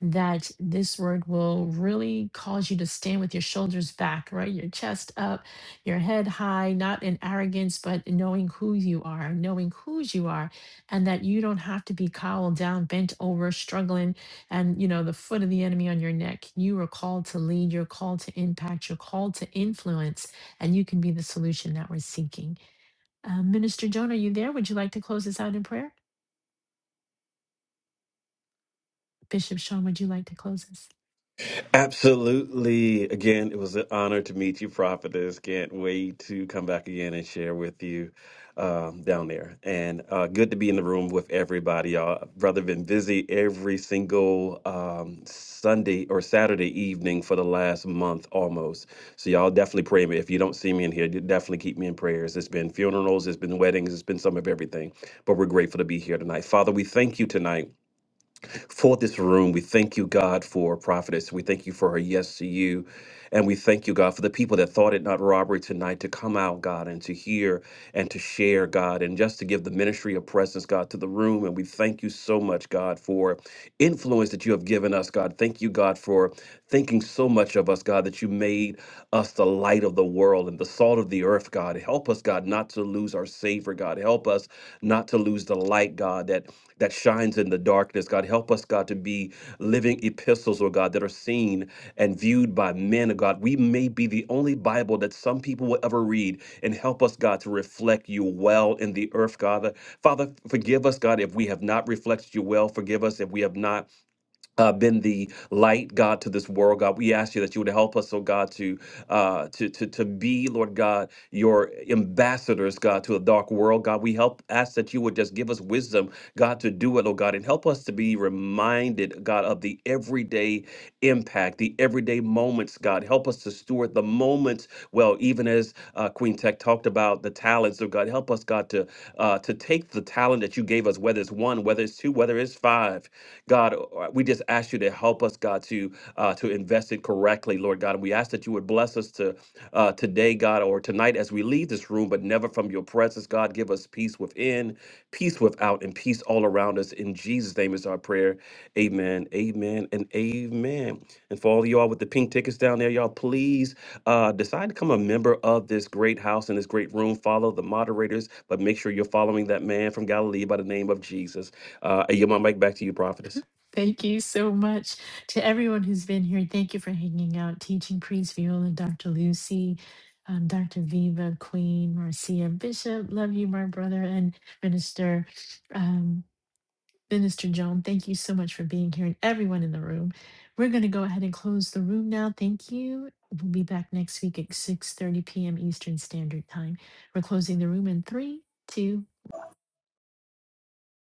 Speaker 1: that this word will really cause you to stand with your shoulders back, right? Your chest up, your head high, not in arrogance, but knowing who you are, knowing whose you are, and that you don't have to be cowled down, bent over, struggling, and you know, the foot of the enemy on your neck. You are called to lead, you're called to impact, you're called to influence and you can be the solution that we're seeking. Uh, Minister Joan, are you there? Would you like to close us out in prayer? Bishop Sean, would you like to close us?
Speaker 5: Absolutely. Again, it was an honor to meet you, Prophetess. Can't wait to come back again and share with you um, down there. And uh, good to be in the room with everybody, y'all. Brother, been busy every single um, Sunday or Saturday evening for the last month almost. So y'all definitely pray me. If you don't see me in here, you definitely keep me in prayers. It's been funerals, it's been weddings, it's been some of everything. But we're grateful to be here tonight. Father, we thank you tonight for this room. We thank you, God, for Prophetess. We thank you for her yes to you. And we thank you, God, for the people that thought it not robbery tonight to come out, God, and to hear and to share, God, and just to give the ministry of presence, God, to the room. And we thank you so much, God, for influence that you have given us, God. Thank you, God, for thinking so much of us, God, that you made us the light of the world and the salt of the earth, God. Help us, God, not to lose our Savior, God. Help us not to lose the light, God, that that shines in the darkness. God, help us, God, to be living epistles, oh God, that are seen and viewed by men, oh God. We may be the only Bible that some people will ever read, and help us, God, to reflect you well in the earth, God. Father, forgive us, God, if we have not reflected you well. Forgive us if we have not uh, been the light, God, to this world, God. We ask you that you would help us, oh God, to uh, to to to be, Lord God, your ambassadors, God, to a dark world, God. We help ask that you would just give us wisdom, God, to do it, oh God, and help us to be reminded, God, of the everyday impact, the everyday moments, God. Help us to steward the moments well, even as uh, Queen Tech talked about the talents of God. Help us, God, to uh, to take the talent that you gave us, whether it's one, whether it's two, whether it's five. God, uh, we just ask you to help us, God, to uh, to invest it correctly, Lord God. And we ask that you would bless us to uh, today, God, or tonight as we leave this room, but never from your presence, God. Give us peace within, peace without, and peace all around us. In Jesus' name is our prayer. Amen. Amen. And amen. And for all of y'all with the pink tickets down there, y'all please uh, decide to become a member of this great house and this great room. Follow the moderators, but make sure you're following that man from Galilee by the name of Jesus. Uh, I yield my mic back to you, prophetess.
Speaker 1: Thank you so much to everyone who's been here. Thank you for hanging out, teaching priest Viola, Dr. Lucy, um, Dr. Viva, Queen, Marcia, Bishop. Love you, my brother, and Minister. Minister Joan, thank you so much for being here and everyone in the room. We're going to go ahead and close the room now. Thank you. We'll be back next week at 6:30 p.m. Eastern Standard Time. We're closing the room in three, two,